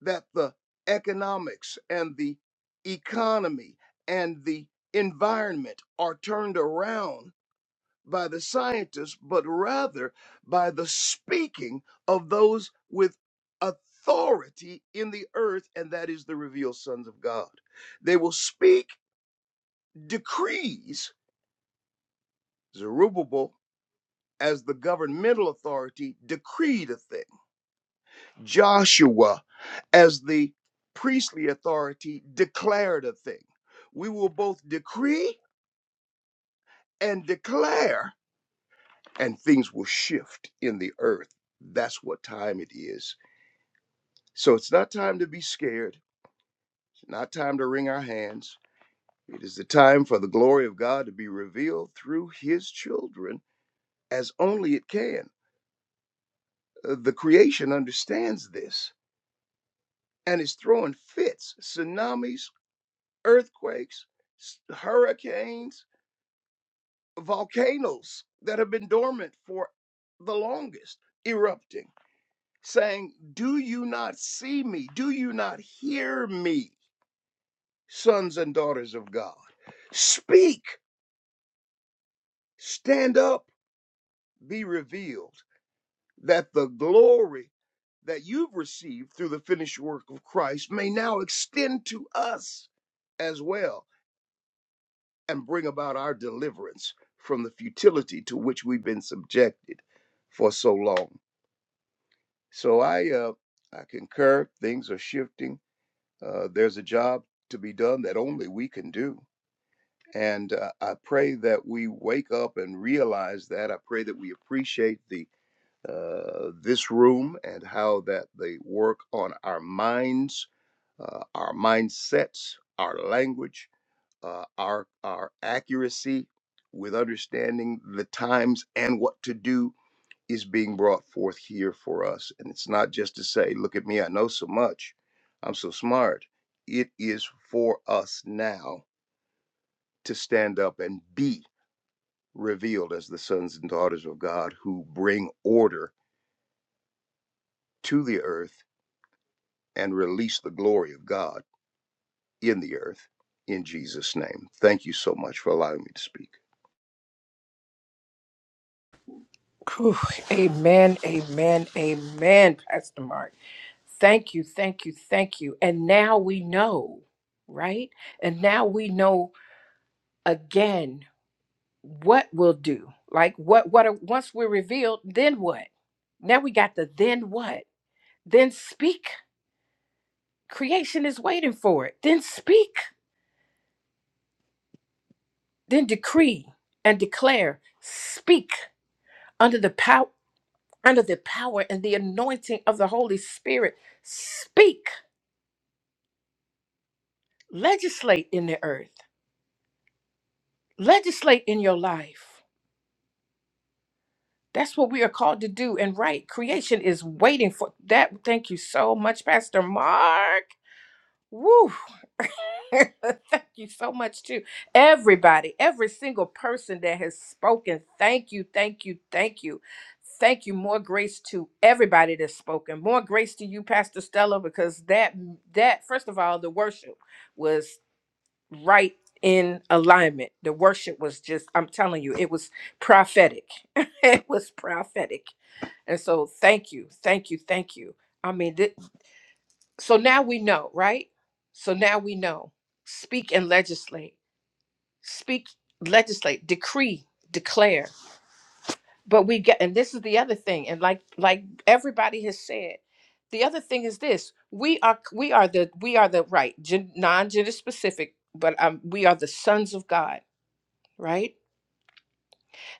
Speaker 8: that the economics and the economy and the environment are turned around by the scientists, but rather by the speaking of those with authority in the earth, and that is the revealed sons of God. They will speak decrees. Zerubbabel, as the governmental authority, decreed a thing. Joshua, as the priestly authority, declared a thing. We will both decree and declare, and things will shift in the earth. That's what time it is So it's not time to be scared, not time to wring our hands. It is the time for the glory of God to be revealed through his children as only it can. Uh, The creation understands this and is throwing fits, tsunamis, earthquakes, s- hurricanes, volcanoes that have been dormant for the longest erupting, saying, Do you not see me? Do you not hear me, sons and daughters of God? Speak Stand up, be revealed, that the glory that you've received through the finished work of Christ may now extend to us as well and bring about our deliverance from the futility to which we've been subjected for so long. So I uh, I concur. Things are shifting. Uh, there's a job to be done that only we can do, and uh, I pray that we wake up and realize that. I pray that we appreciate the uh, this room and how that they work on our minds, uh, our mindsets, our language, uh, our our accuracy with understanding the times and what to do is being brought forth here for us. And it's not just to say, "Look at me, I know so much, I'm so smart." It is for us now to stand up and be revealed as the sons and daughters of God who bring order to the earth and release the glory of God in the earth in Jesus' name. Thank you so much for allowing me to speak.
Speaker 2: Whew. Amen, amen, amen, Pastor Mark. Thank you, thank you, thank you. And now we know, right? And now we know again what we'll do. Like what what are, once we're revealed, then what? Now we got the then what? Then speak. Creation is waiting for it. Then speak. Then decree and declare. Speak under the power under the power and the anointing of the Holy Spirit. Speak. Legislate in the earth. Legislate in your life That's what we are called to do. And right, creation is waiting for that. Thank you so much, Pastor Mark. Woo. thank you so much too, everybody, every single person that has spoken. Thank you, thank you, thank you. Thank you. More grace to everybody that's spoken. More grace to you, Pastor Stella, because that that first of all, the worship was right in alignment. The worship was just, I'm telling you, it was prophetic. It was prophetic and so thank you, thank you, thank you. I mean, thi- so now we know, right? So now we know. Speak and legislate. Speak, legislate, decree, declare. But we get and this is the other thing and like like everybody has said, the other thing is this. We are we are the we are the right gen, non-gender specific, but um we are the sons of God, right?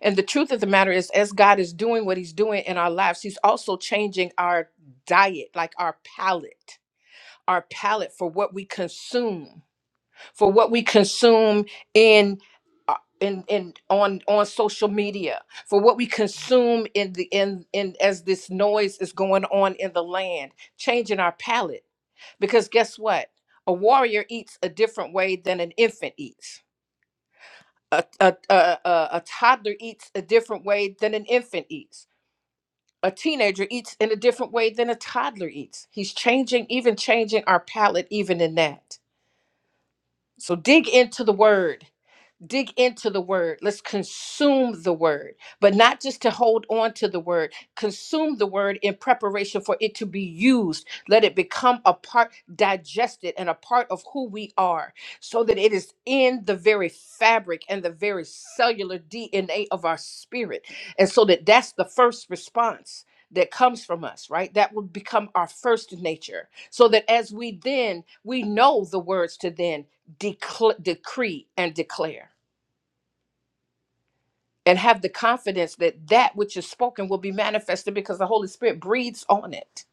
Speaker 2: And the truth of the matter is as God is doing what he's doing in our lives, he's also changing our diet, like our palate. our palate for what we consume, for what we consume in uh, in in on on social media, for what we consume in the in in as this noise is going on in the land, changing our palate. Because guess what? A warrior eats a different way than an infant eats. A, a, a, a, a toddler eats a different way than an infant eats. A teenager eats in a different way than a toddler eats. He's changing, even changing our palate, even in that. So dig into the word dig into the word. Let's consume the word, but not just to hold on to the word. Consume the word in preparation for it to be used. Let it become a part, digested, and a part of who we are, so that it is in the very fabric and the very cellular DNA of our spirit. And so that that's the first response. That comes from us, right? That will become our first nature. So that as we then, we know the words to then decl- decree and declare and have the confidence that that which is spoken will be manifested because the Holy Spirit breathes on it.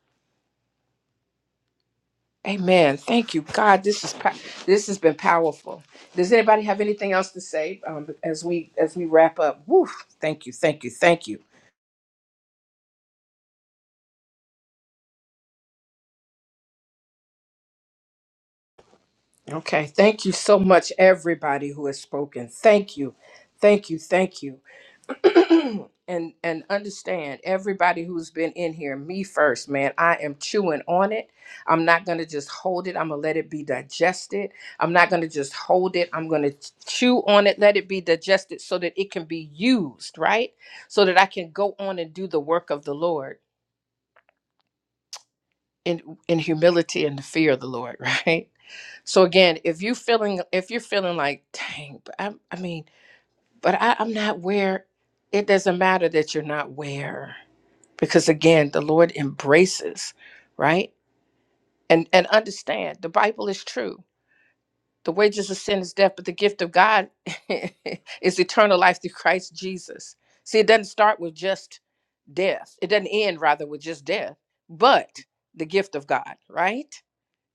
Speaker 2: Amen. Thank you, God. This is pa- this has been powerful. Does anybody have anything else to say um, as we as we wrap up? Woo! Thank you, thank you, thank you. Okay, thank you so much, everybody who has spoken. Thank you, thank you, thank you. and and understand everybody who's been in here me first man i am chewing on it i'm not going to just hold it i'm going to let it be digested i'm not going to just hold it i'm going to chew on it let it be digested so that it can be used right so that i can go on and do the work of the lord in in humility and the fear of the lord right so again if you feeling if you're feeling like dang but i, I mean but I, i'm not where it doesn't matter that you're not where because again the lord embraces right and and understand the bible is true the wages of sin is death but the gift of god is eternal life through christ jesus see it doesn't start with just death it doesn't end rather with just death but the gift of god right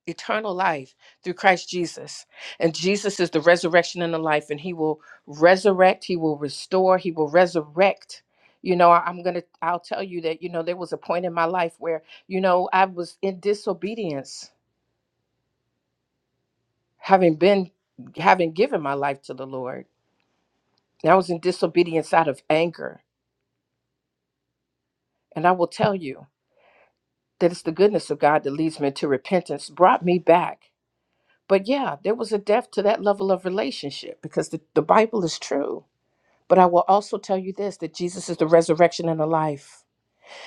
Speaker 2: eternal life through Christ Jesus. And Jesus is the resurrection and the life, and He will resurrect, He will restore, He will resurrect. You know, I- I'm going to, I'll tell you that, you know, there was a point in my life where, you know, I was in disobedience, having been, having given my life to the Lord. And I was in disobedience out of anger. And I will tell you that it's the goodness of God that leads me to repentance, brought me back. But yeah, there was a depth to that level of relationship because the, the Bible is true But I will also tell you this that Jesus is the resurrection and the life.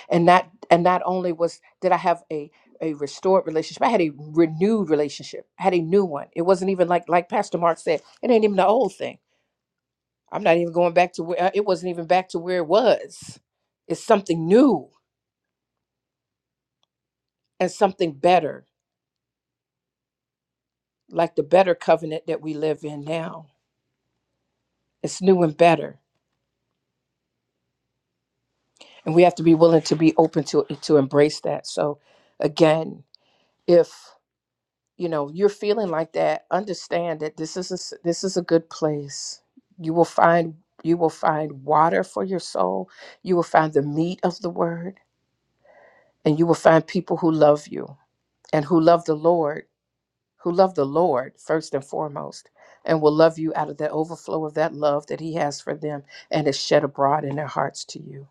Speaker 2: And that and not only was did I have a a restored relationship, I had a renewed relationship. I had a new one. It wasn't even like like Pastor Mark said, it ain't even the old thing. I'm not even going back to where uh, it wasn't even back to where it was. It's something new and something better, like the better covenant that we live in now. It's new and better. And we have to be willing to be open to to embrace that. So again, if you know you're feeling like that understand that this is a, s- this is a good place you will find you will find water for your soul you will find the meat of the word and you will find people who love you and who love the lord who love the lord first and foremost and will love you out of the overflow of that love that he has for them and is shed abroad in their hearts to you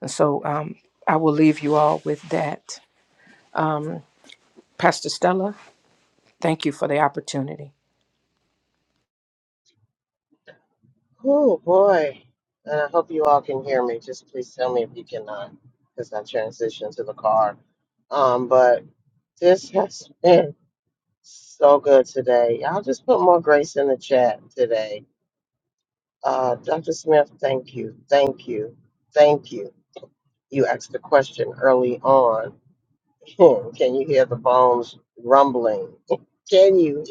Speaker 2: and so um, i will leave you all with that um, pastor stella thank you for the opportunity
Speaker 1: Oh boy. And I hope you all can hear me. Just please tell me if you cannot, because I transitioned to the car. Um, but this has been so good today. Y'all just put more grace in the chat today. Uh, Dr. Smith, thank you, thank you, thank you. You asked the question early on. can you hear the bones rumbling? Can you?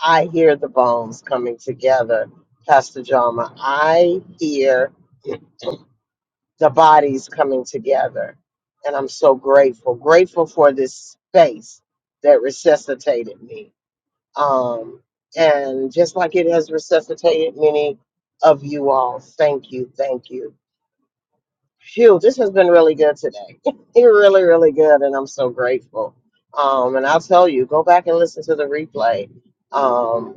Speaker 1: I hear the bones coming together, Pastor Jama. I hear the bodies coming together. And I'm so grateful, grateful for this space that resuscitated me. Um, and just like it has resuscitated many of you all, thank you, thank you. Phew, this has been really good today. really, really good. And I'm so grateful. Um, and I'll tell you, go back and listen to the replay. Um,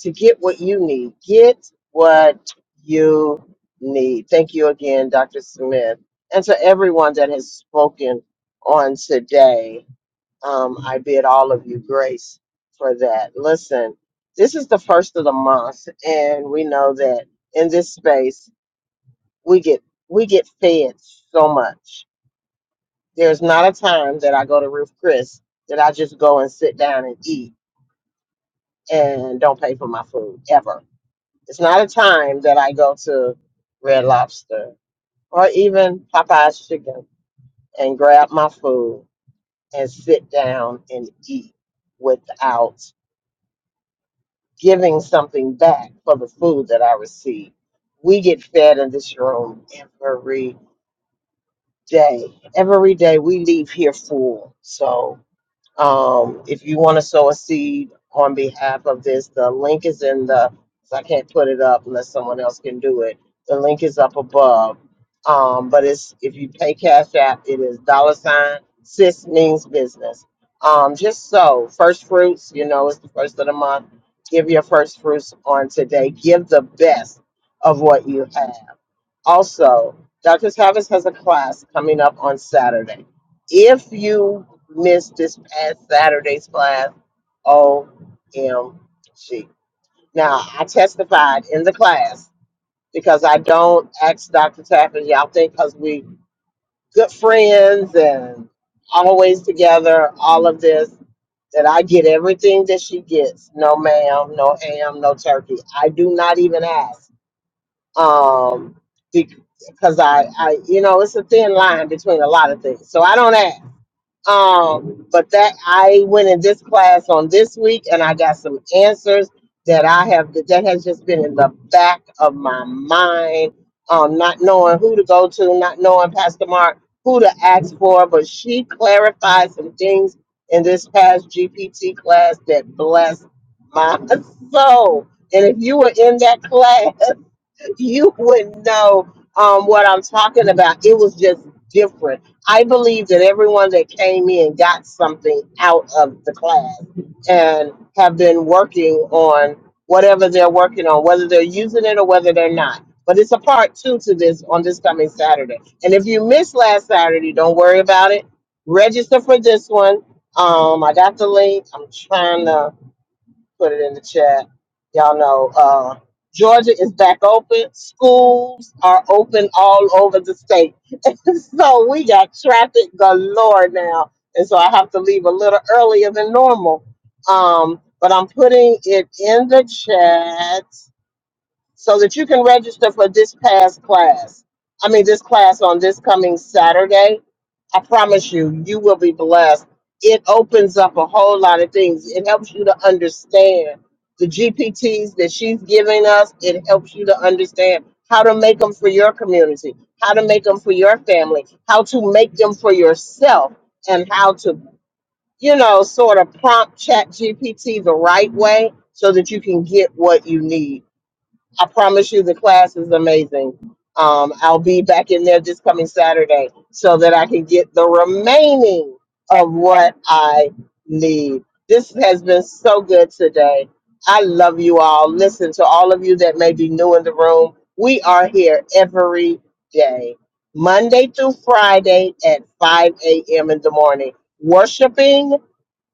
Speaker 1: to get what you need. Get what you need. Thank you again, Dr. Smith, and to everyone that has spoken on today. Um, I bid all of you grace for that. Listen, this is the first of the month, and we know that in this space we get we get fed so much. There's not a time that I go to Ruth Chris that I just go and sit down and eat and don't pay for my food ever It's not a time that I go to Red Lobster or even Popeye's Chicken and grab my food and sit down and eat without giving something back for the food that I receive. We get fed in this room every day. Every day we leave here full. So Um, if you want to sow a seed on behalf of this, the link is in the. I can't put it up unless someone else can do it. The link is up above. Um, but it's if you pay Cash App, it is dollar sign sis means business. Um, just so first fruits, you know, it's the first of the month. Give your first fruits on today. Give the best of what you have. Also, Dr. Tavis has a class coming up on Saturday. If you missed this past Saturday's class, OMG. Now, I testified in the class because I don't ask Dr. Tappan, y'all think because we good friends and always together, all of this, that I get everything that she gets. No ma'am, no ham, no turkey. I do not even ask. Um, because I, I, you know, it's a thin line between a lot of things. So I don't ask. Um, but that I went in this class on this week and I got some answers that I have that has just been in the back of my mind. Um, not knowing who to go to, not knowing Pastor Mark who to ask for, but she clarified some things in this past GPT class that blessed my soul. And if you were in that class, you wouldn't know um, what I'm talking about. It was just different. I believe that everyone that came in got something out of the class and have been working on whatever they're working on, whether they're using it or whether they're not. But it's a part two to this on this coming Saturday. And if you missed last Saturday, don't worry about it. Register for this one. Um, I got the link. I'm trying to put it in the chat. Y'all know uh, Georgia is back open. Schools are open all over the state. so we got traffic galore now. And so I have to leave a little earlier than normal. Um, but I'm putting it in the chat so that you can register for this past class. I mean, this class on this coming Saturday. I promise you, you will be blessed. It opens up a whole lot of things. It helps you to understand the GPTs that she's giving us. It helps you to understand how to make them for your community, how to make them for your family, how to make them for yourself, and how to, you know, sort of prompt Chat GPT the right way so that you can get what you need I promise you the class is amazing. Um, I'll be back in there this coming Saturday so that I can get the remaining of what I need. This has been so good today. I love you all. Listen to all of you that may be new in the room. We are here every day, Monday through Friday at 5 a.m. in the morning, worshiping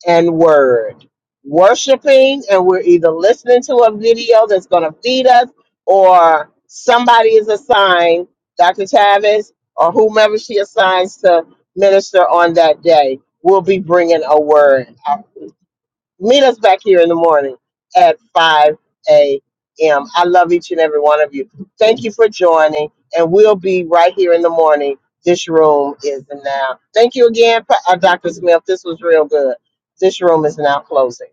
Speaker 1: and word. Worshiping, and we're either listening to a video that's going to feed us, or somebody is assigned, Dr. Tavis, or whomever she assigns to minister on that day, will be bringing a word meet us back here in the morning at 5 a.m. I love each and every one of you. Thank you for joining, and we'll be right here in the morning. This room is now. Thank you again, Pa- uh, Dr. Smith. This was real good. This room is now closing.